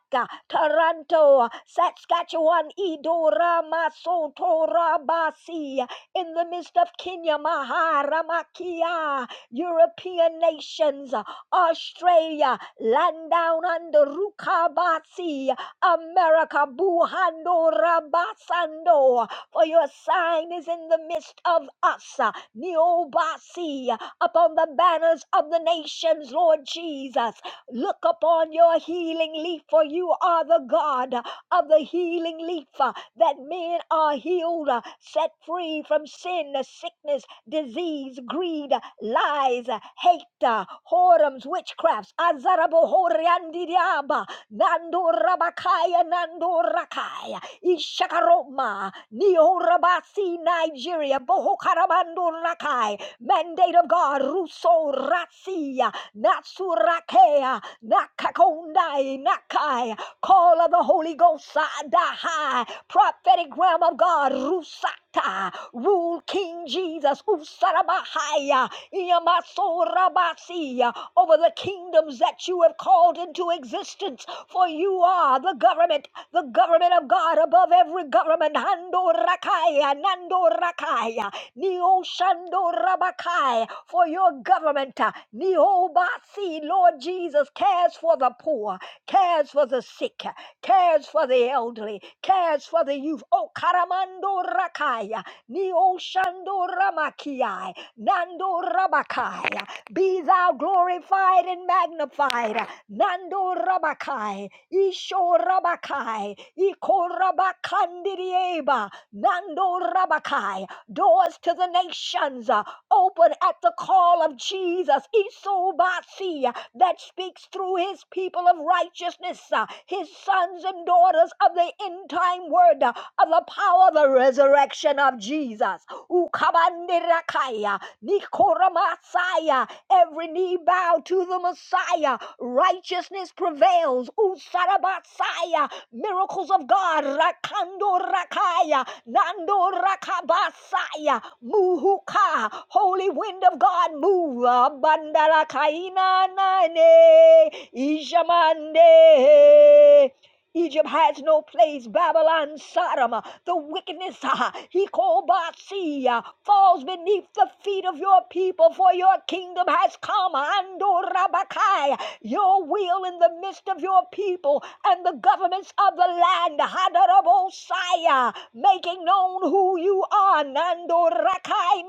Speaker 4: Toronto, Saskatchewan, Idora Masoto Rabasi, in the midst of Kenya, Maharamakia, European nations, Australia, land down under Rukabasi, America, Buhando Rabasando, for your sign is in the midst of us. Neobasi, upon the banners of the nations, Lord Jesus. Look upon your healing leaf, for you are the God of the healing leaf, uh, that men are healed, uh, set free from sin, uh, sickness, disease, greed, uh, lies, uh, hate, uh, whoredoms, witchcrafts. Azarabohoriandidiaba. Nando Rabakaya Nando Rakaya Ishakaroma Neo Rabasi Nigeria Bohokarabando Rakai Mandate of God, Russo Rasia, Natsurakea, Nakakondai, Nakai, call of the Holy Ghost, Sadahai, prophetic realm of God, Rusata, rule King Jesus, Usarabahaya, Iyamasorabasia, over the kingdoms that you have called into existence, for you are the government, the government of God. God, above every government. Hando rakaya, nando rakaya, neo shando rabakai, for your government. uh, Neo basi, Lord Jesus, cares for the poor, cares for the sick, uh, cares for the elderly, cares for the youth. Oh, karamando rakaya, neo shando ramakiai, nando rabakai. Be thou glorified in and magnified. Nando Rabakai, Isho Rabakai, Iko Rabakandirieba, Nando Rabakai. Doors to the nations uh, open at the call of Jesus, Isobasi, uh, that speaks through his people of righteousness, uh, his sons and daughters of the end time word, uh, of the power of the resurrection of Jesus. Ukabanderakaya. Nikora Messiah. Every knee bow to the Messiah. Righteousness prevails. Usarabasaya. Miracles of God. Rakando Rakaya. Nando Rakabasaya. Muhuka. Holy wind of God. Move. Bandarakaina Nane. Ijamande. Egypt has no place. Babylon, Sodom, uh, the wickedness, uh, he called Basi, uh, falls beneath the feet of your people, for your kingdom has come. Ando your will in the midst of your people and the governments of the land. Hadarabosai, making known who you are. Nando Rakai,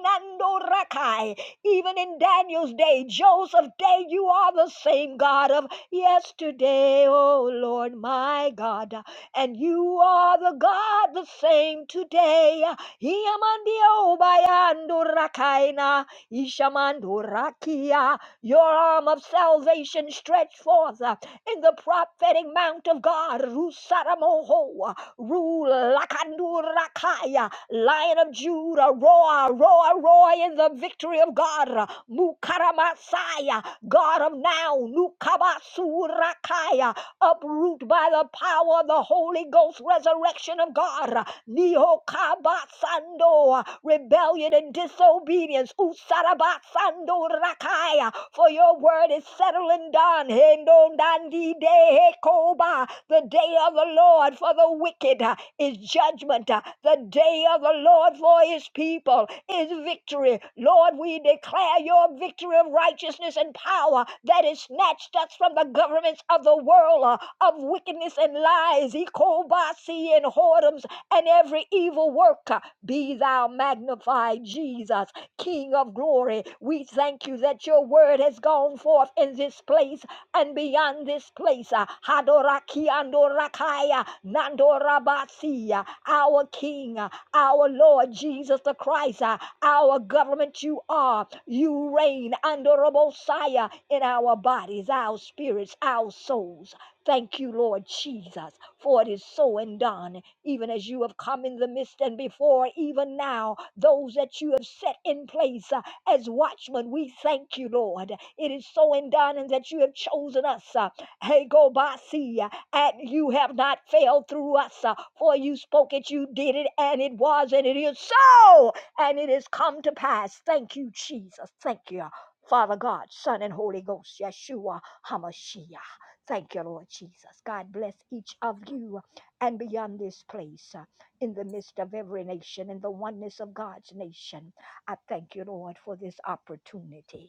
Speaker 4: Even in Daniel's day, Joseph's day, you are the same God of yesterday, O Lord my God. And you are the God the same today. Iamandio bayandurakaina, ishamandurakia. Your arm of salvation stretched forth in the prophetic mount of God, Rusaramoho. Rule Lakandurakaya, Lion of Judah, roar, roar, roar in the victory of God. Mukaramasaya, God of now, Nukabasurakaya, uproot by the power of the Holy Ghost, resurrection of God. Nihokabasando, rebellion and disobedience. Usarabasando rakaya, for your word is settled and done. Hendondandidehekoba, The day of the Lord for the wicked uh, is judgment. uh, The day of the Lord for his people is victory. Lord. Lord, we declare your victory of righteousness and power that is snatched us from the governments of the world uh, of wickedness and lies, ecobasi and whoredoms and every evil work. Uh, Be thou magnified, Jesus, King of glory. We thank you that your word has gone forth in this place and beyond this place. Uh, Hadoraki andorakaya nandorabasi, uh, Our King. Uh, our Lord Jesus the Christ, uh, our government you are. You reign, honorable Messiah, in our bodies, our spirits, our souls. Thank you, Lord Jesus, for it is so and done, even as you have come in the midst and before, even now, those that you have set in place uh, as watchmen. We thank you, Lord. It is so and done, and that you have chosen us. Uh, hey, go by see, uh, and you have not failed through us. uh, For you spoke it, you did it, and it was, and it is so, and it has come to pass. Thank you, Jesus. Thank you, Father God, Son, and Holy Ghost, Yeshua HaMashiach. Thank you, Lord Jesus. God bless each of you and beyond this place, uh, in the midst of every nation, in the oneness of God's nation. I thank you, Lord, for this opportunity.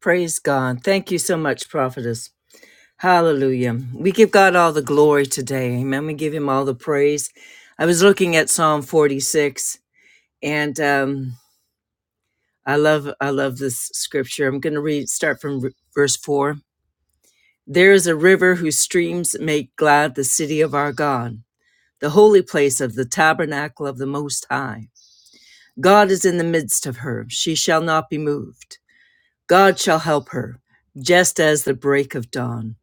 Speaker 1: Praise God. Thank you so much, Prophetess. Hallelujah. We give God all the glory today. Amen. We give him all the praise. I was looking at Psalm 46 and um, I love I love this scripture. I'm going to read start from v- verse 4. There is a river whose streams make glad the city of our God, the holy place of the tabernacle of the most high. God is in the midst of her. She shall not be moved. God shall help her, just as the break of dawn.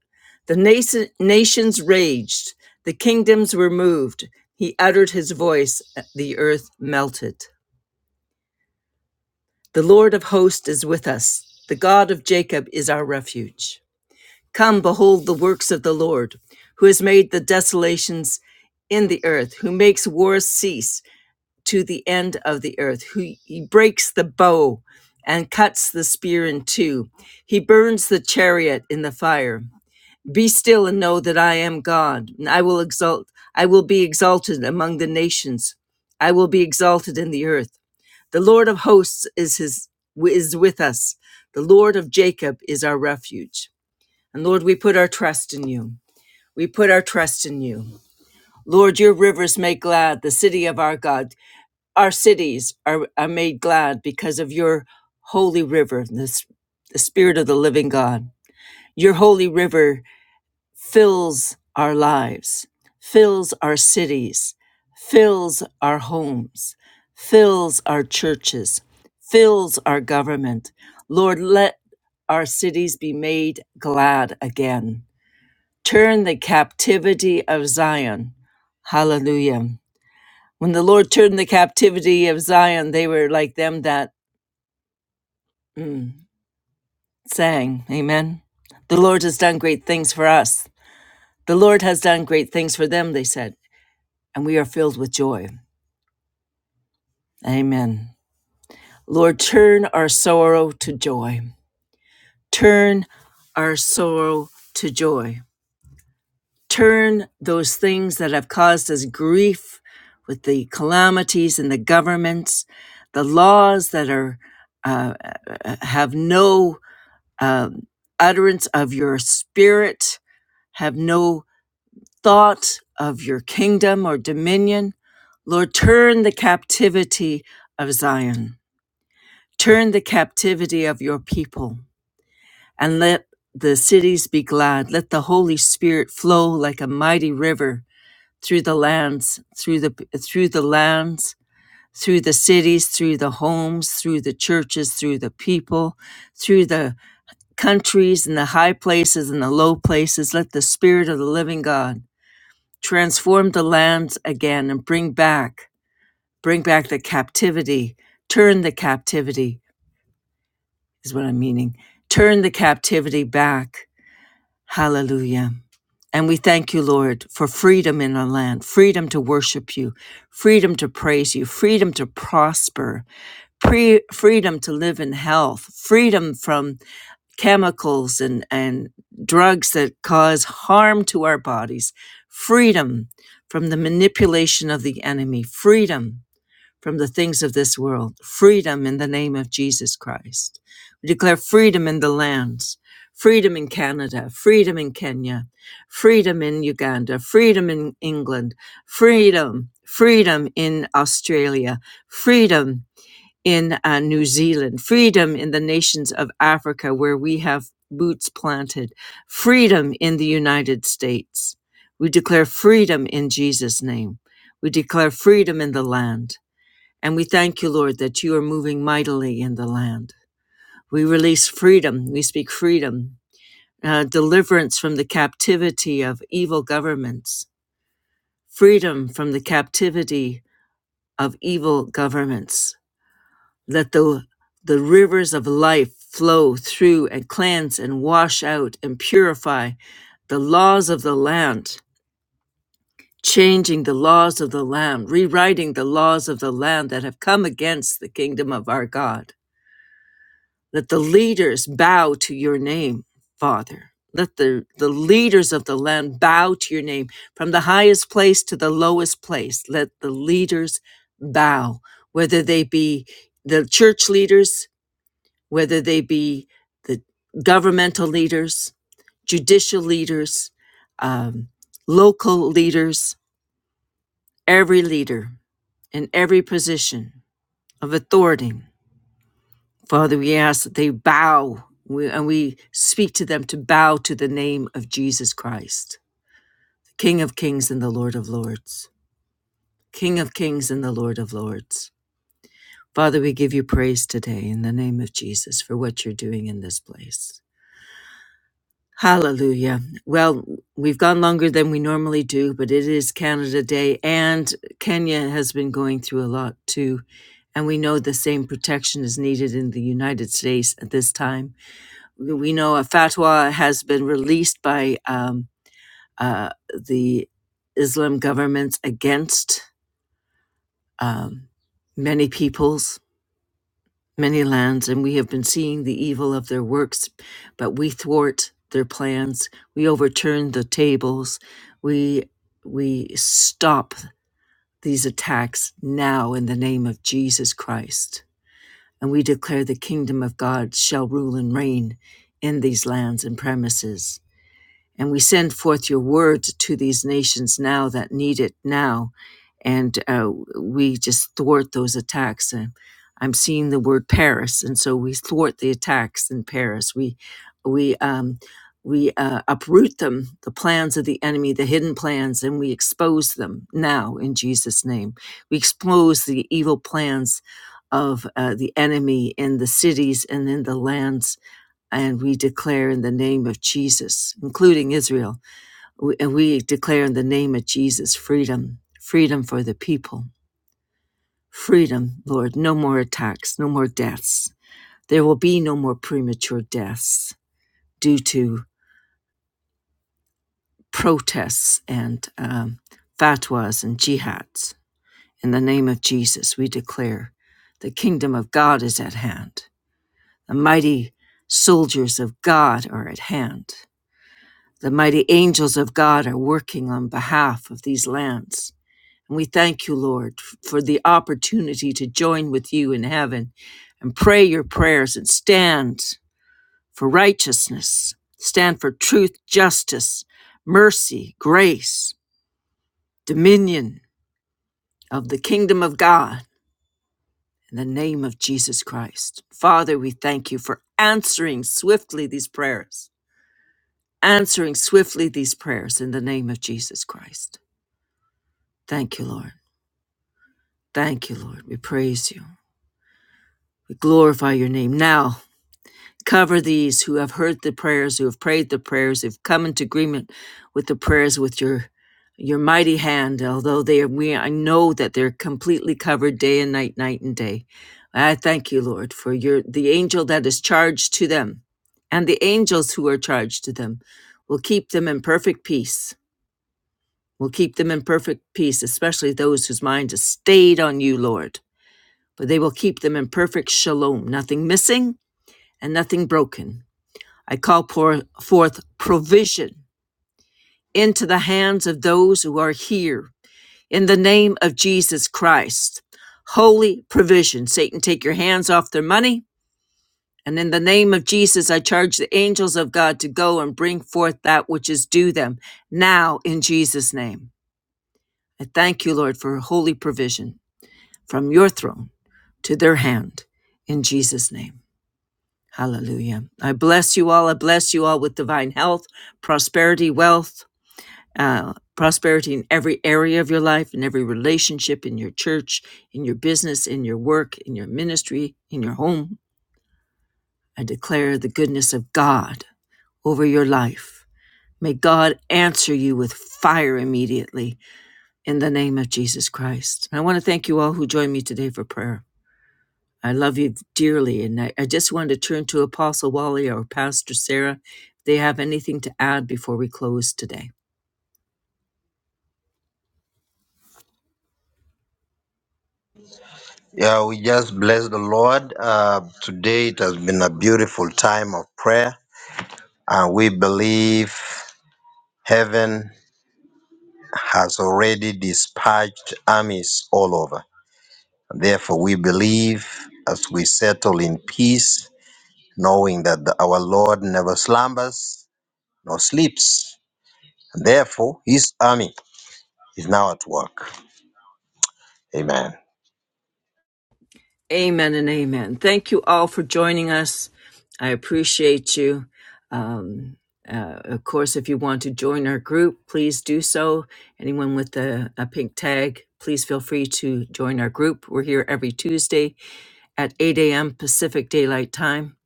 Speaker 1: The nation, nations raged, the kingdoms were moved. He uttered his voice, uh, the earth melted. The Lord of hosts is with us, the God of Jacob is our refuge. Come, behold the works of the Lord, who has made the desolations in the earth, who makes wars cease to the end of the earth. Who he breaks the bow and cuts the spear in two. He burns the chariot in the fire. Be still and know that I am God, and I will exalt I will be exalted among the nations. I will be exalted in the earth. The Lord of hosts is his is with us. The Lord of Jacob is our refuge. And Lord, we put our trust in you. We put our trust in you. Lord, your rivers make glad the city of our God. Our cities are, are made glad because of your holy river, this, the Spirit of the living God. Your holy river fills our lives, fills our cities, fills our homes, fills our churches, fills our government. Lord, let our cities be made glad again. Turn the captivity of Zion. Hallelujah. When the Lord turned the captivity of Zion, they were like them that mm, sang. Amen. The Lord has done great things for us. The Lord has done great things for them, they said, and we are filled with joy. Amen. Lord, turn our sorrow to joy. Turn our sorrow to joy. Turn those things that have caused us grief with the calamities and the governments, the laws that are uh, uh, uh, have no um, utterance of your spirit. Have no thought of your kingdom or dominion. Lord, turn the captivity of Zion. Turn the captivity of your people and let the cities be glad. Let the Holy Spirit flow like a mighty river through the lands, through the, through the lands, through the cities, through the homes, through the churches, through the people, through the countries and the high places and the low places. Let the Spirit of the living God transform the lands again and bring back, bring back the captivity. Turn the captivity is what I'm meaning. Turn the captivity back. Hallelujah. And we thank you, Lord, for freedom in our land, freedom to worship you, freedom to praise you, freedom to prosper, pre- freedom to live in health, freedom from chemicals and, and drugs that cause harm to our bodies, freedom from the manipulation of the enemy, freedom from the things of this world, freedom in the name of Jesus Christ. We declare freedom in the lands, freedom in Canada, freedom in Kenya, freedom in Uganda, freedom in England, freedom, freedom in Australia, freedom in uh, New Zealand, freedom in the nations of Africa where we have boots planted, freedom in the United States. We declare freedom in Jesus' name. We declare freedom in the land. And we thank you, Lord, that you are moving mightily in the land. We release freedom. We speak freedom, uh, deliverance from the captivity of evil governments, freedom from the captivity of evil governments Let the, the rivers of life flow through and cleanse and wash out and purify the laws of the land, changing the laws of the land, rewriting the laws of the land that have come against the kingdom of our God. Let the leaders bow to your name, Father. Let the, the leaders of the land bow to your name from the highest place to the lowest place. Let the leaders bow, whether they be the church leaders, whether they be the governmental leaders, judicial leaders, um, local leaders, every leader in every position of authority. Father, we ask that they bow and we speak to them to bow to the name of Jesus Christ, King of kings and the Lord of lords, King of kings and the Lord of lords. Father, we give you praise today in the name of Jesus for what you're doing in this place. Hallelujah. Well, we've gone longer than we normally do, but it is Canada Day, and Kenya has been going through a lot too. And we know the same protection is needed in the United States at this time. We know a fatwa has been released by um, uh, the Islam governments against um, many peoples many lands, and we have been seeing the evil of their works, but we thwart their plans. We overturn the tables. We we stop these attacks now in the name of Jesus Christ. And we declare the kingdom of God shall rule and reign in these lands and premises and we send forth your word to these nations now that need it now. And uh, we just thwart those attacks. And I'm seeing the word Paris. And so we thwart the attacks in Paris. We, we, um, we uh, uproot them, the plans of the enemy, the hidden plans, and we expose them now in Jesus' name. We expose the evil plans of uh, the enemy in the cities and in the lands and we declare in the name of Jesus, including Israel, we- and we declare in the name of Jesus freedom, freedom for the people, freedom, Lord, no more attacks, no more deaths. There will be no more premature deaths due to protests and um, fatwas and jihads. In the name of Jesus, we declare the kingdom of God is at hand. The mighty soldiers of God are at hand The mighty angels of God are working on behalf of these lands. And we thank you, Lord, for the opportunity to join with you in heaven and pray your prayers and stand for righteousness, stand for truth, justice, mercy, grace, dominion of the kingdom of God in the name of Jesus Christ. Father, we thank you for answering swiftly these prayers, answering swiftly these prayers in the name of Jesus Christ. Thank you, Lord. Thank you, Lord. We praise you. We glorify your name. Now, cover these who have heard the prayers, who have prayed the prayers, who've come into agreement with the prayers with your your mighty hand, although they are, we I know that they're completely covered day and night, night and day. I thank you, Lord, for your the angel that is charged to them, and the angels who are charged to them will keep them in perfect peace. Will keep them in perfect peace, especially those whose mind is stayed on you, Lord. for they will keep them in perfect shalom, nothing missing and nothing broken. I call pour forth provision into the hands of those who are here in the name of Jesus Christ. Holy provision. Satan, take your hands off their money. And in the name of Jesus, I charge the angels of God to go and bring forth that which is due them now in Jesus' name. I thank you, Lord, for holy provision from your throne to their hand in Jesus' name. Hallelujah. I bless you all. I bless you all with divine health, prosperity, wealth, uh, prosperity in every area of your life, in every relationship, in your church, in your business, in your work, in your ministry, in your home. I declare the goodness of God over your life. May God answer you with fire immediately in the name of Jesus Christ. And I want to thank you all who joined me today for prayer. I love you dearly. And I, I just want to turn to Apostle Wally or Pastor Sarah if they have anything to add before we close today.
Speaker 2: Yeah, we just bless the Lord. Uh, today it has been a beautiful time of prayer, and we believe heaven has already dispatched armies all over. Therefore, we believe as we settle in peace, knowing that the- our Lord never slumbers, nor sleeps. Therefore, his army is now at work. Amen.
Speaker 1: Amen and amen. Thank you all for joining us. I appreciate you. Um, uh, of course, if you want to join our group, please do so. Anyone with a, a pink tag, please feel free to join our group. We're here every Tuesday at 8 a.m. Pacific Daylight Time.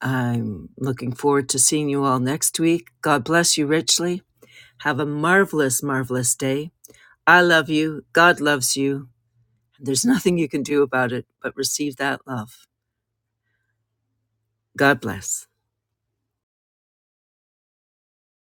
Speaker 1: I'm looking forward to seeing you all next week. God bless you richly Have a marvelous, marvelous day. I love you. God loves you. There's nothing you can do about it but receive that love. God bless.